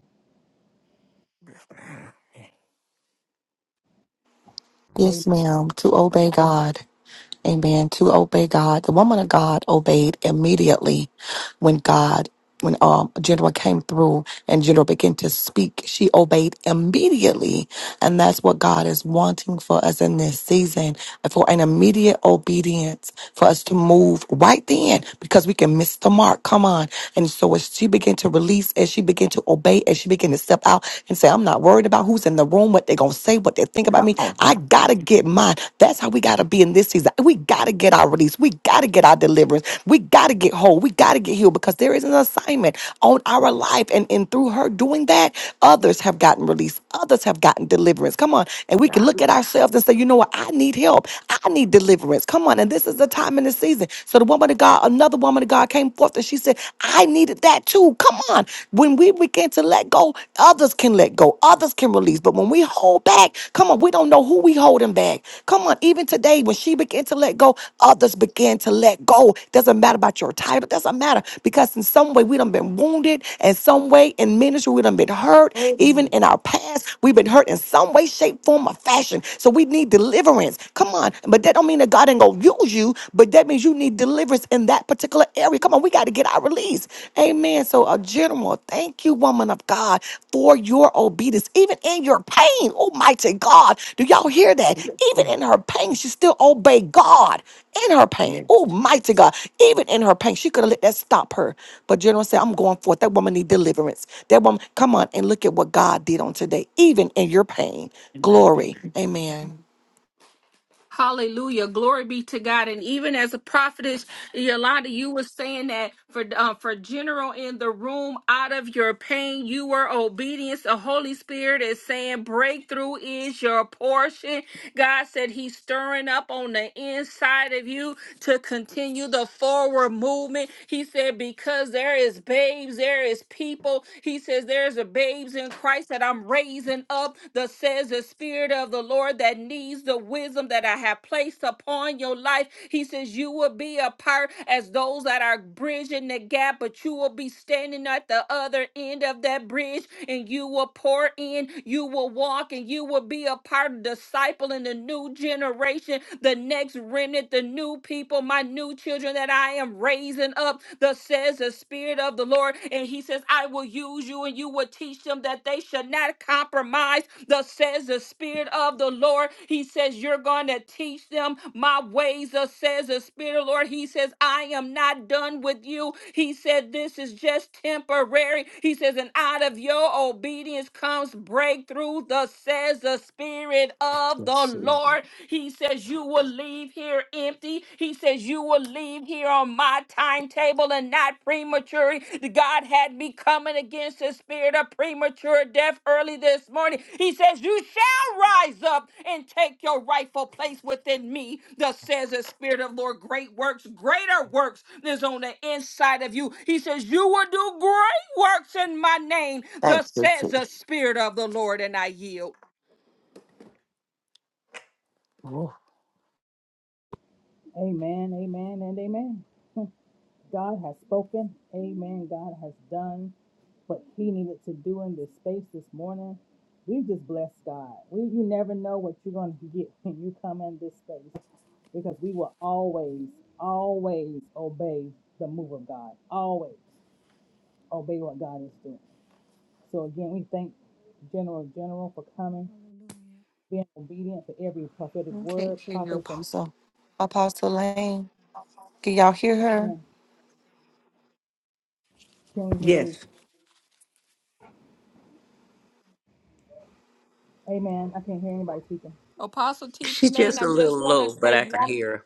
Amen. Yes, ma'am. To obey God. Amen. To obey God. The woman of God obeyed immediately when God, when um General came through and General began to speak. She obeyed immediately. And that's what God is wanting for us in this season. For an immediate obedience, for us to move right then, because we can miss the mark. Come on. And so as she began to release, as she began to obey, as she began to step out and say, I'm not worried about who's in the room room, what they're going to say, what they think about Come me. on. I Yes, got to get mine. That's how we got to be in this season. We got to get our release. We got to get our deliverance. We got to get whole. We got to get healed because there is an assignment on our life. And, and through her doing that, others have gotten released. Others have gotten deliverance. Come on. And we can God. look at ourselves and say, you know what? I need help. I need deliverance. Come on. And this is the time in the season. So the woman of God, another woman of God came forth and she said, I needed that too. Come on. When we begin to let go, others can let go, others can release. But when we hold back, come on, we don't know who we holding back. Come on, even today, when she began to let go, others began to let go. Doesn't matter about your title, doesn't matter because in some way we done been wounded, in some way in ministry we done been hurt, even in Amen. our past we've been hurt in some way, shape, form, or fashion. So we need deliverance. Come on, but that don't mean that God ain't gonna use you but that means you need deliverance in that particular area. Come on, we got to get our release. Amen. So, a general, thank you, woman of God, for your obedience, even in your pain. Almighty God, do y'all hear that? Even in her pain, she still obeyed God in her pain. Yes. Almighty God, even in her pain, she could have let that stop her. But General said, I'm going forth. That woman need deliverance. That woman, come on and look at what God did on today, even in your pain. Amen. Thank Glory. you. Amen. Hallelujah. Glory be to God. And even as a prophetess, Yolanda, you were saying that for um, for general in the room, out of your pain, you were obedience. The Holy Spirit is saying breakthrough is your portion. God said he's stirring up on the inside of you to continue the forward movement. He said, because there is babes, there is people. He says, there's a babes in Christ that I'm raising up that says the spirit of the Lord that needs the wisdom that I have placed upon your life. He says, you will be a part as those that are bridging the gap, but you will be standing at the other end of that bridge and you will pour in in, you will walk and you will be a part of disciple in the new generation, the next remnant, the new people, my new children that I am raising up. Thus says the Spirit of the Lord. And He says, I will use you and you will teach them that they should not compromise. Thus says the Spirit of the Lord. He says, You're going to teach them my ways. Thus says the Spirit of the Lord. He says, I am am not done with you. He said, This is just temporary. He says, And out of your obedience comes breakthrough, thus says the Spirit of the Yes. Lord. He says, You will leave here empty. He says, You will leave here on my timetable and not premature. God had me coming against the spirit of premature death early this morning. He says, You Rise up and take your rightful place within me. Thus says the Spirit of Lord, great works, greater works is on the inside of you. He says, You will do great works in my name. Thank Thus you, says the too. Spirit of the Lord, and I yield. Amen and amen. God has spoken. Amen. God has done what he needed to do in this space this morning. We just bless God. We you never know what you're gonna get when you come in this space because we will always, always obey the move of God. Always obey what God is doing. So again, we thank General General for coming, Hallelujah. being obedient for every prophetic Okay, word, hear you, prophetess and Apostle. Apostle Lane. Can y'all hear her? man. Can we hear who? Yes. Amen. I can't hear anybody speaking. Apostle T.P. She's Lane, just a I little just want to low, but say I can one hear her.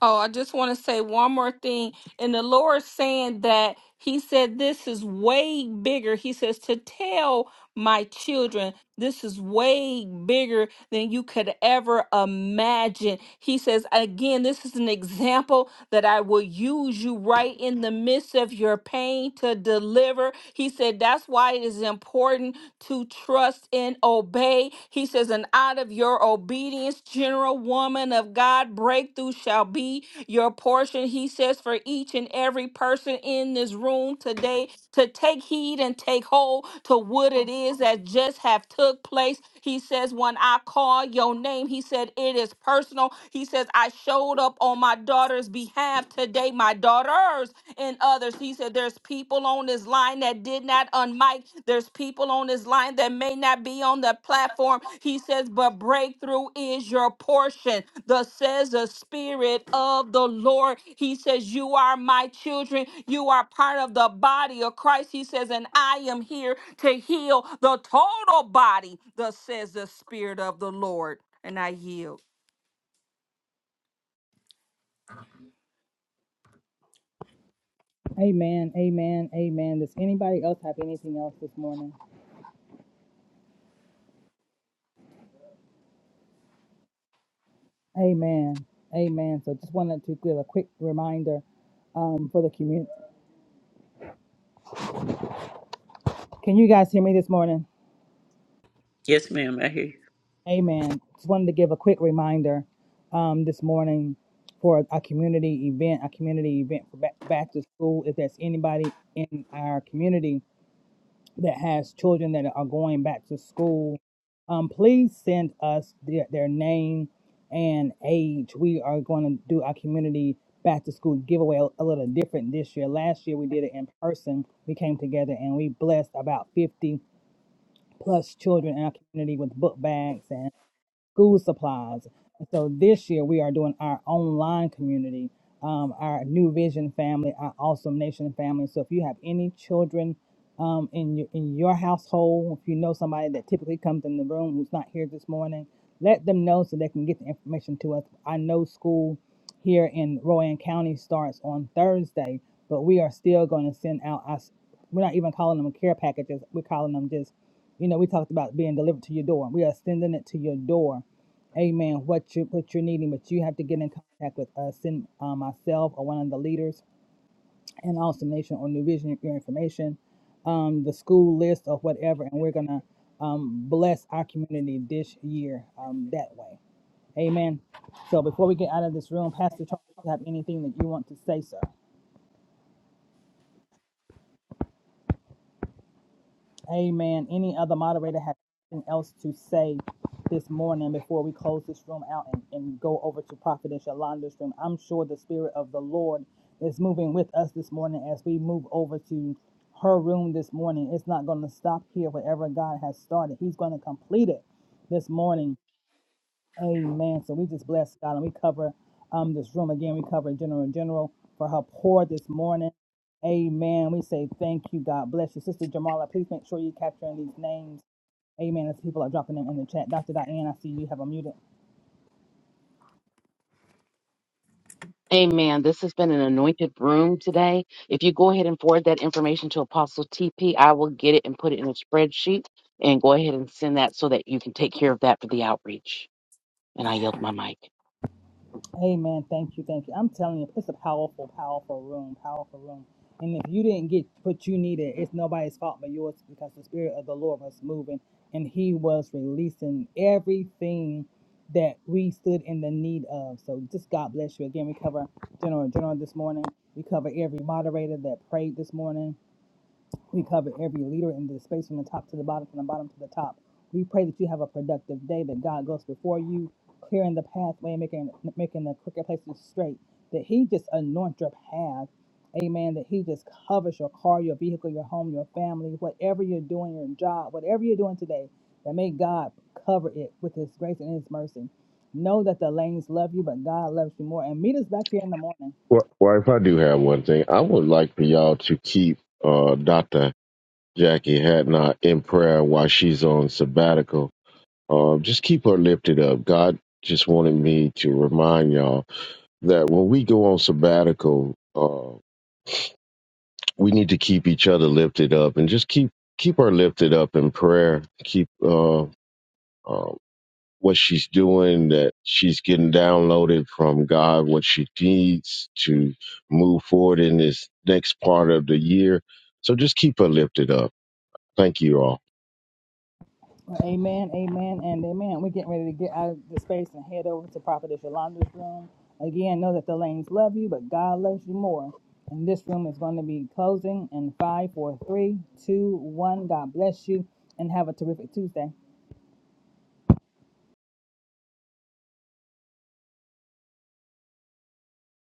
Oh, I just want to say one more thing. And the Lord saying that He said this is way bigger. He says to tell my children this is way bigger than you could ever imagine. He says, again, this is an example that I will use you right in the midst of of your pain to deliver. He said, That's why it is important to trust and obey. He says, And out of your obedience, general woman of God, breakthrough shall be your portion. He says, For each and every person in this room today to take heed and take hold to what it is that just have took place. He says, When I call your name, he said, It is personal. He says, I showed up on my daughter's behalf today. My daughter's and others. He said, There's people on this line that did not unmic. There's people on this line that may not be on the platform. He says, But breakthrough is your portion. Thus says the Spirit of the Lord. He says, You are my children. You are part of the body of Christ. He says, And I am here to heal the total body. Thus says the Spirit of the Lord. And I yield. Amen. Amen. Amen. Does anybody else have anything else this morning? Amen. Amen. So just wanted to give a quick reminder um, for the community. Can you guys hear me this morning? Yes, ma'am. I hear you. Amen. Just wanted to give a quick reminder um, this morning for a community event, a community event for back, back to school. If there's anybody in our community that has children that are going back to school, um, please send us their, their name and age. We are going to do our community back to school giveaway a, a little different this year. Last year we did it in person. We came together and we blessed about 50 plus children in our community with book bags and school supplies. And so this year we are doing our online community, um, our New Vision family, our Awesome Nation family. So if you have any children um, in your in your household, if you know somebody that typically comes in the room who's not here this morning, let them know so they can get the information to us. I know school here in Rowan County starts on Thursday, but we are still going to send out us. We're not even calling them care packages. We're calling them just you know, we talked about being delivered to your door. We are sending it to your door Amen. What you what you're needing, but you have to get in contact with us, send uh, myself or one of the leaders in Awesome Nation or New Vision your information, um, the school list or whatever, and we're gonna um, bless our community this year um, that way. Amen. So before we get out of this room, Pastor Charles, do you have anything that you want to say, sir? Amen. Any other moderator have anything else to say this morning before we close this room out and, and go over to Prophetess Yolanda's room? I'm sure the Spirit of the Lord is moving with us this morning as we move over to her room this morning. It's not going to stop here. Whatever God has started, He's going to complete it this morning. Amen. So we just bless God and we cover um this room again. We cover General in General for her pour this morning. Amen. We say thank you. God bless you. Sister Jamala, please make sure you're capturing these names. Amen. As people are dropping them in the chat. Dr. Diane, I see you have a muted. Amen. This has been an anointed room today. If you go ahead and forward that information to Apostle TP, I will get it and put it in a spreadsheet and go ahead and send that so that you can take care of that for the outreach. And I yield my mic. Amen. Thank you. Thank you. I'm telling you, it's a powerful, powerful room, powerful room. And if you didn't get what you needed, it's nobody's fault but yours because the Spirit of the Lord was moving and He was releasing everything that we stood in the need of. So just God bless you. Again, we cover General General this morning. We cover every moderator that prayed this morning. We cover every leader in this space from the top to the bottom, from the bottom to the top. We pray that you have a productive day, that God goes before you, clearing the pathway, making making the crooked places straight, that He just anoints your path. Amen. That He just covers your car, your vehicle, your home, your family, whatever you're doing, your job, whatever you're doing today, that may God cover it with His grace and His mercy. Know that the lanes love you, but God loves you more. And meet us back here in the morning. Well, well, if I do have one thing, I would like for y'all to keep uh, Dr. Jackie Hadnot in prayer while she's on sabbatical. Uh, just keep her lifted up. God just wanted me to remind y'all that when we go on sabbatical, uh, we need to keep each other lifted up and just keep keep her lifted up in prayer. Keep uh, uh, what she's doing, that she's getting downloaded from God, what she needs to move forward in this next part of the year. So just keep her lifted up. Thank you all. Amen, amen, and amen. We're getting ready to get out of the space and head over to Prophetess Yolanda's room. Again, know that the lanes love you, but God loves you more. And this room is going to be closing in five, four, three, two, one. God bless you and have a terrific Tuesday.